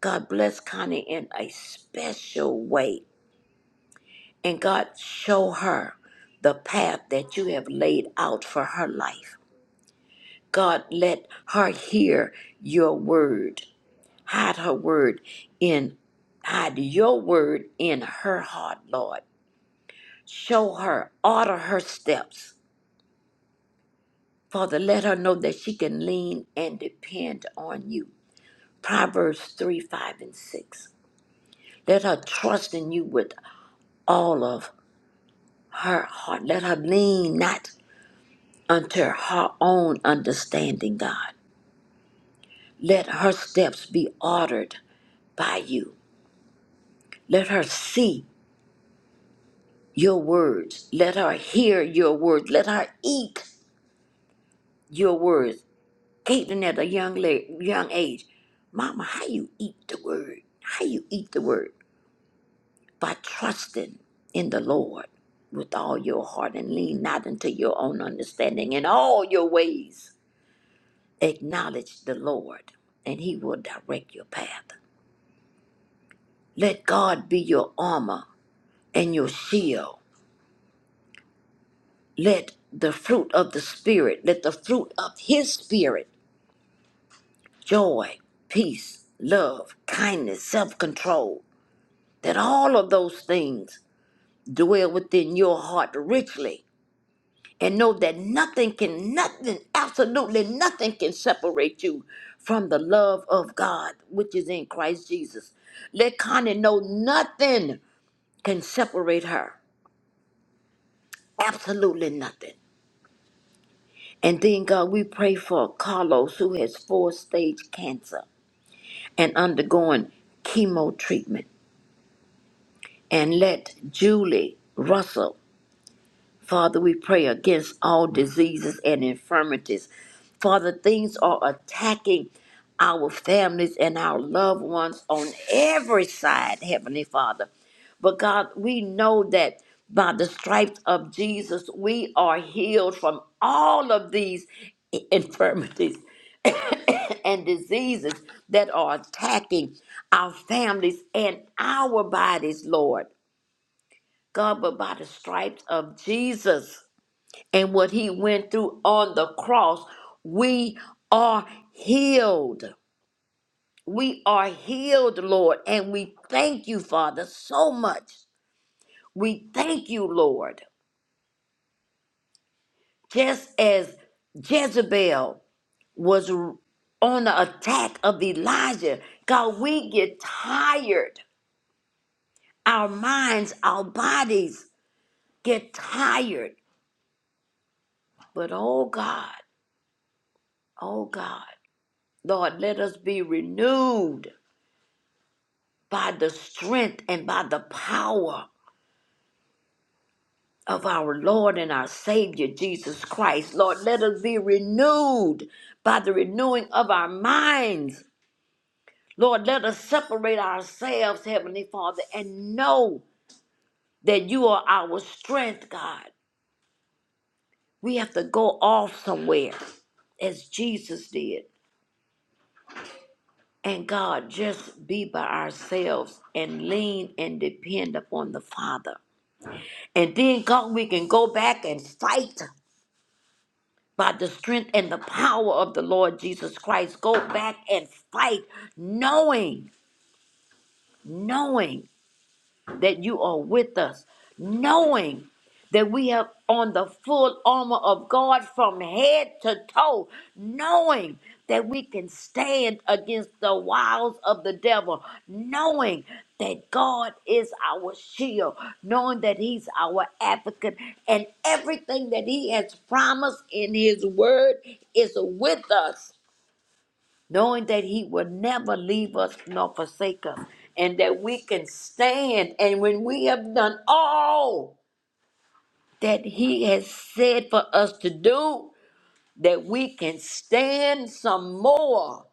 S10: God bless Connie in a special way. And God show her the path that you have laid out for her life. God let her hear your word. Hide her word in hide your word in her heart, Lord. Show her, order her steps. Father, let her know that she can lean and depend on you. Proverbs 3, 5, and 6. Let her trust in you with all of her heart. Let her lean not unto her own understanding, God. Let her steps be ordered by you. Let her see your words. Let her hear your words. Let her eat your words. Eating at a young la- young age. Mama, how you eat the word? How you eat the word? by trusting in the Lord with all your heart and lean not into your own understanding. In all your ways, acknowledge the Lord, and He will direct your path. Let God be your armor and your shield. Let the fruit of the Spirit, let the fruit of His Spirit, joy, peace, love, kindness, self control, that all of those things dwell within your heart richly and know that nothing can, nothing, absolutely nothing can separate you from the love of God, which is in Christ Jesus. Let Connie know nothing can separate her, absolutely nothing. And then, God, we pray for Carlos, who has four stage cancer and undergoing chemo treatment. And let Julie Russell Father, we pray against all diseases and infirmities. Father, things are attacking our families and our loved ones on every side, Heavenly Father. But God, we know that by the stripes of Jesus, we are healed from all of these i- infirmities and diseases that are attacking our families and our bodies, Lord. God, but by the stripes of Jesus and what he went through on the cross, we are healed. We are healed, Lord, and we thank you, Father, so much. We thank you, Lord. Just as Jezebel was on the attack of Elijah, God, we get tired. Our minds, our bodies get tired. But oh God, oh God, Lord, let us be renewed by the strength and by the power of our Lord and our Savior Jesus Christ. Lord, let us be renewed by the renewing of our minds. Lord, let us separate ourselves, Heavenly Father, and know that you are our strength, God. We have to go off somewhere as Jesus did. And God, just be by ourselves and lean and depend upon the Father. And then, God, we can go back and fight by the strength and the power of the Lord Jesus Christ. Go back and fight, knowing, knowing that you are with us, knowing that we have on the full armor of God from head to toe, knowing that we can stand against the wiles of the devil, knowing that God is our shield, knowing that He's our advocate, and everything that He has promised in His word is with us knowing that He will never leave us nor forsake us, and that we can stand. And when we have done all that He has said for us to do, that we can stand some more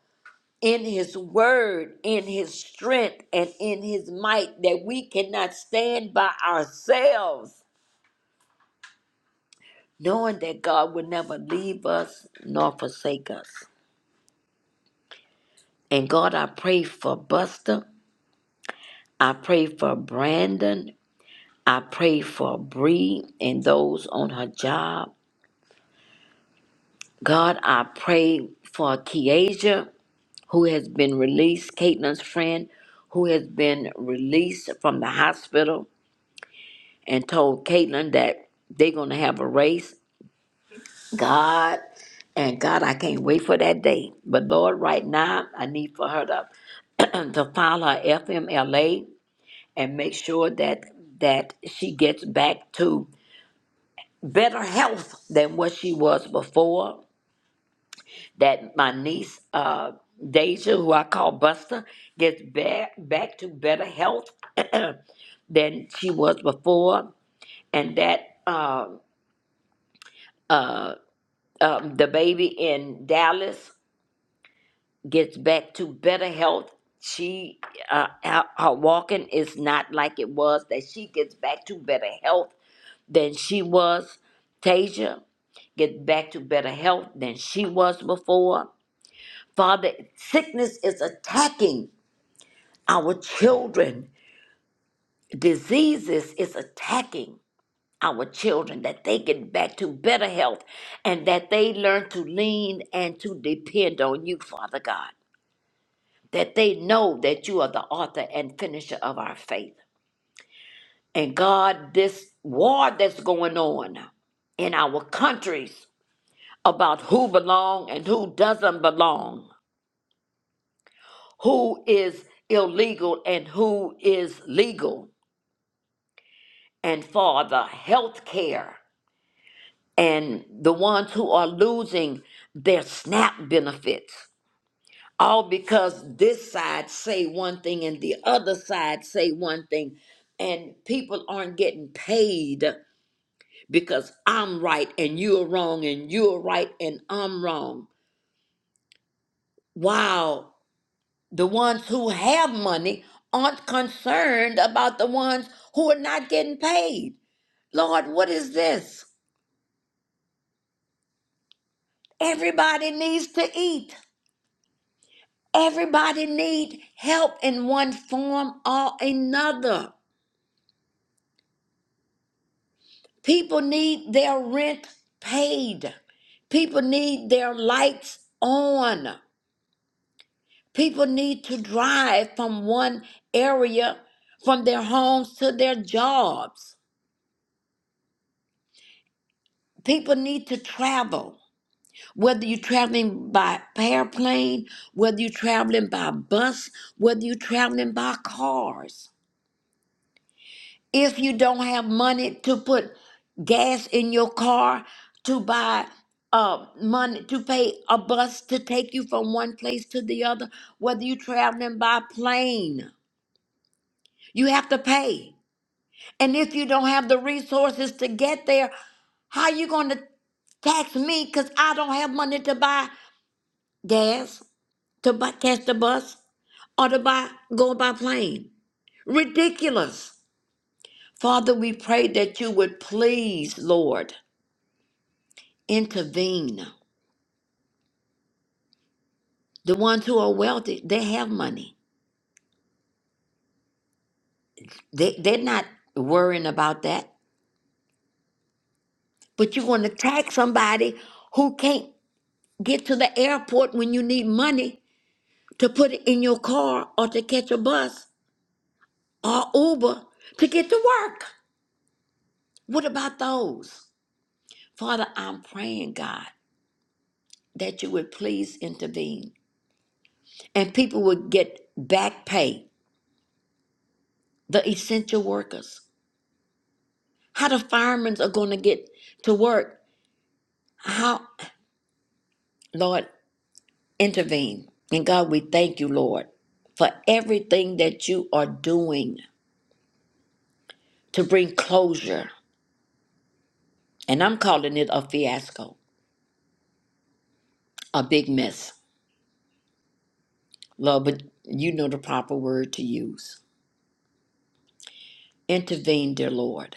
S10: in His word, in His strength, and in His might, that we cannot stand by ourselves, knowing that God will never leave us nor forsake us. And God, I pray for Buster. I pray for Brandon I pray for Bree and those on her job. God, I pray for Kiesha, who has been released, Caitlin's friend, who has been released from the hospital and told Caitlin that they're going to have a race. God, and God, I can't wait for that day. But Lord, right now, I need for her to to file her FMLA and make sure that that she gets back to better health than what she was before. That my niece, uh, Deja, who I call Buster, gets back back to better health than she was before, and that uh, uh, um, the baby in Dallas gets back to better health. She uh, her her walking is not like it was. That she gets back to better health than she was. Tasia, get back to better health than she was before Father, sickness is attacking our children. Diseases is attacking our children that they get back to better health and that they learn to lean and to depend on you, Father God. That they know that you are the author and finisher of our faith. And God, this war that's going on in our countries about who belong and who doesn't belong, who is illegal and who is legal and for the health care and the ones who are losing their SNAP benefits. All because this side say one thing and the other side say one thing. And people aren't getting paid because I'm right and you're wrong and you're right and I'm wrong. Wow, the ones who have money aren't concerned about the ones who are not getting paid. Lord, what is this? Everybody needs to eat. Everybody need help in one form or another. People need their rent paid. People need their lights on. People need to drive from one area from their homes to their jobs. People need to travel. Whether you're traveling by airplane, whether you're traveling by bus, whether you're traveling by cars. if you don't have money to put gas in your car to buy uh money to pay a bus to take you from one place to the other whether you're traveling by plane you have to pay and if you don't have the resources to get there how you going to tax me because i don't have money to buy gas to buy, catch the bus or to buy go by plane ridiculous father we pray that you would please lord intervene. The ones who are wealthy, they have money. They they're not worrying about that. But you want to tax somebody who can't get to the airport when you need money to put it in your car or to catch a bus or Uber to get to work. What about those? Father, I'm praying, God, that you would please intervene and people would get back pay, the essential workers. How the firemen are going to get to work. How? Lord, intervene. And God, we thank you, Lord, for everything that you are doing to bring closure. And I'm calling it a fiasco, a big mess, Lord, but you know the proper word to use. Intervene, dear Lord.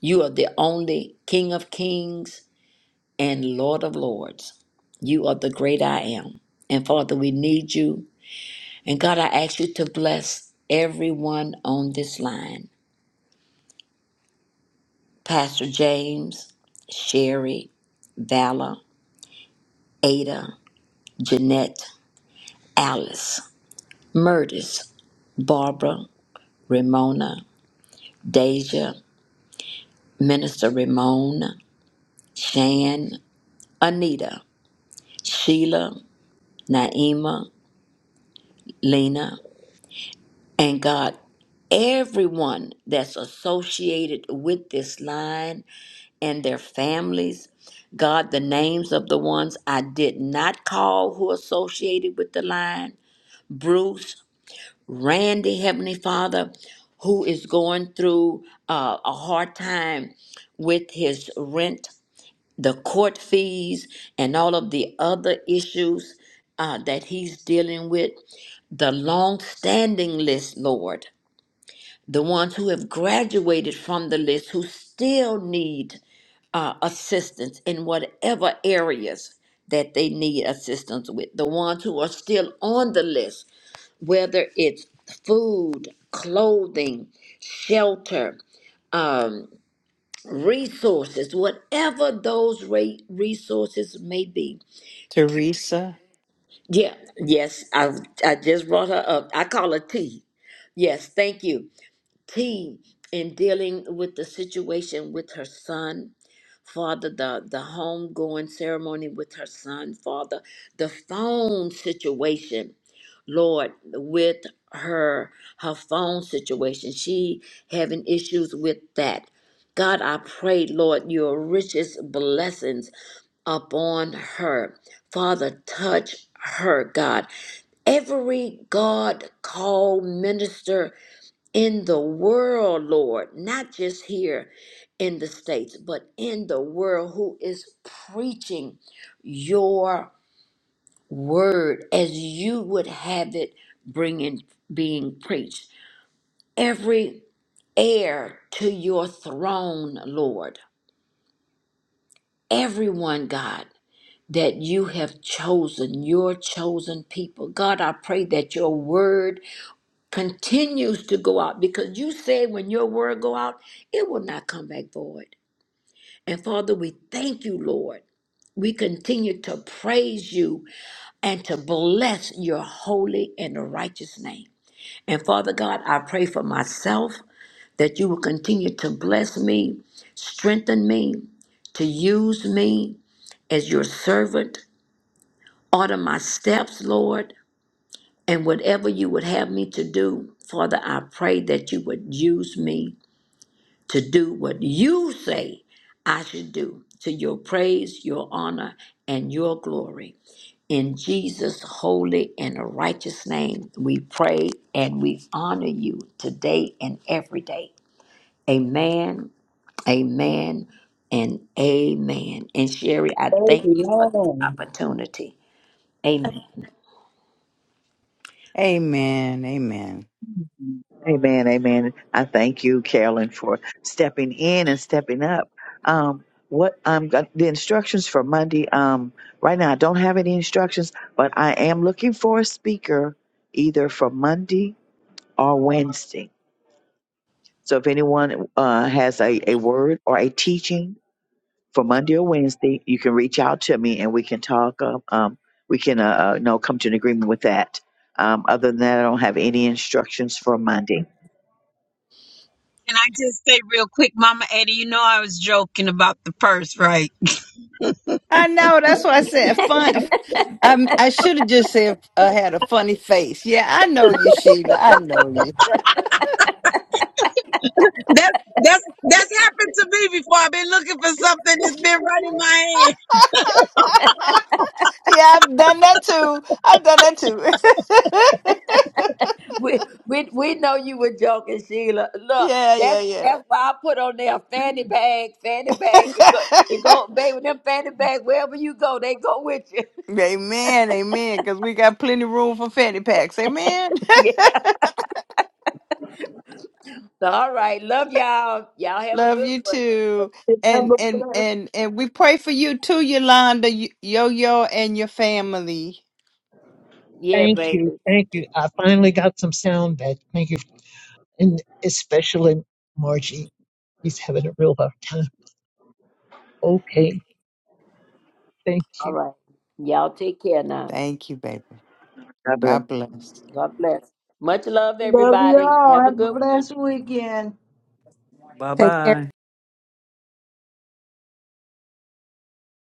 S10: You are the only King of kings and Lord of lords. You are the great I am. And Father, we need you. And God, I ask you to bless everyone on this line. Pastor James, Sherry, Vala, Ada, Jeanette, Alice, Murtis, Barbara, Ramona, Deja, Minister Ramon, Shan, Anita, Sheila, Naima, Lena, and God, everyone that's associated with this line and their families. God, the names of the ones I did not call who associated with the line. Bruce, Randy, Heavenly Father, who is going through uh, a hard time with his rent, the court fees, and all of the other issues uh, that he's dealing with. The long standing list, Lord, the ones who have graduated from the list who still need uh, assistance in whatever areas that they need assistance with, the ones who are still on the list whether it's food, clothing, shelter, um, resources, whatever those re- resources may be.
S11: Teresa.
S10: Yeah, yes, I, I just brought her up. I call her T. Yes, thank you. T in dealing with the situation with her son, Father, the, the homegoing ceremony with her son, Father, the phone situation. Lord, with her her phone situation. She having issues with that. God, I pray, Lord, your richest blessings upon her. Father, touch her, God. Every God called minister in the world, Lord, not just here in the States, but in the world who is preaching your word as you would have it bringing being preached every heir to your throne lord everyone god that you have chosen your chosen people god i pray that your word continues to go out because you said when your word go out it will not come back void and father we thank you lord we continue to praise you and to bless your holy and righteous name And Father God, I pray for myself that you will continue to bless me, strengthen me, to use me as your servant. Order my steps, Lord, and whatever you would have me to do, Father, I pray that you would use me to do what you say I should do to your praise, your honor, and your glory. In Jesus' holy and righteous name, we pray and we honor you today and every day. Amen, amen, and amen. And Sherry, I thank you for this
S2: Amen.
S10: opportunity. Amen.
S11: Amen. Amen.
S3: Amen. Amen. I thank you, Carolyn, for stepping in and stepping up. Um, what um got- the instructions for Monday? Um, right now I don't have any instructions, but I am looking for a speaker either for Monday or Wednesday. So if anyone uh, has a, a word or a teaching for Monday or Wednesday. You can reach out to me and we can talk. Um, um, we can, uh, uh, you know, come to an agreement with that. Um, other than that, I don't have any instructions for Monday.
S17: Can I just say real quick, Mama Eddie, you know I was joking about the purse, right?
S11: I know. That's why I said fun. I I should have just said uh, had a funny face. Yeah, I know you, Sheila. I know you.
S17: That's that's that's happened to me before. I've been looking for something that's been running my hand.
S11: yeah, I've done that too. I've done that too.
S10: We, we, we know you were joking, Sheila. Look,
S11: yeah,
S10: that's
S11: yeah,
S10: that's why I put on there fanny
S18: Thank
S10: bag, fanny bag. It go,
S11: yeah.
S10: it go, baby, them fanny bags, wherever you go, they go with you.
S11: Amen, amen. Because we got plenty room for fanny packs. Amen.
S10: yeah. All right. Love y'all. Y'all have a
S11: Love
S10: good
S11: you
S10: one.
S11: too,
S2: Have
S11: and
S2: a
S11: and
S2: blessed,
S11: and and we pray for you too, Yolanda, Yo Yo, and your family.
S10: Yeah,
S18: you.
S10: baby.
S18: Thank you. I finally got some sound back. Thank you. And especially Margie. He's having a real hard time. Okay. Thank you.
S10: All right. Y'all take care now.
S11: Thank you, baby.
S3: God bless.
S11: God bless.
S10: God bless. Much love,
S2: love
S10: everybody.
S2: y'all.
S10: Have a
S2: Have a
S10: good one.
S2: blessed weekend.
S4: Bye
S1: Take care.
S4: bye.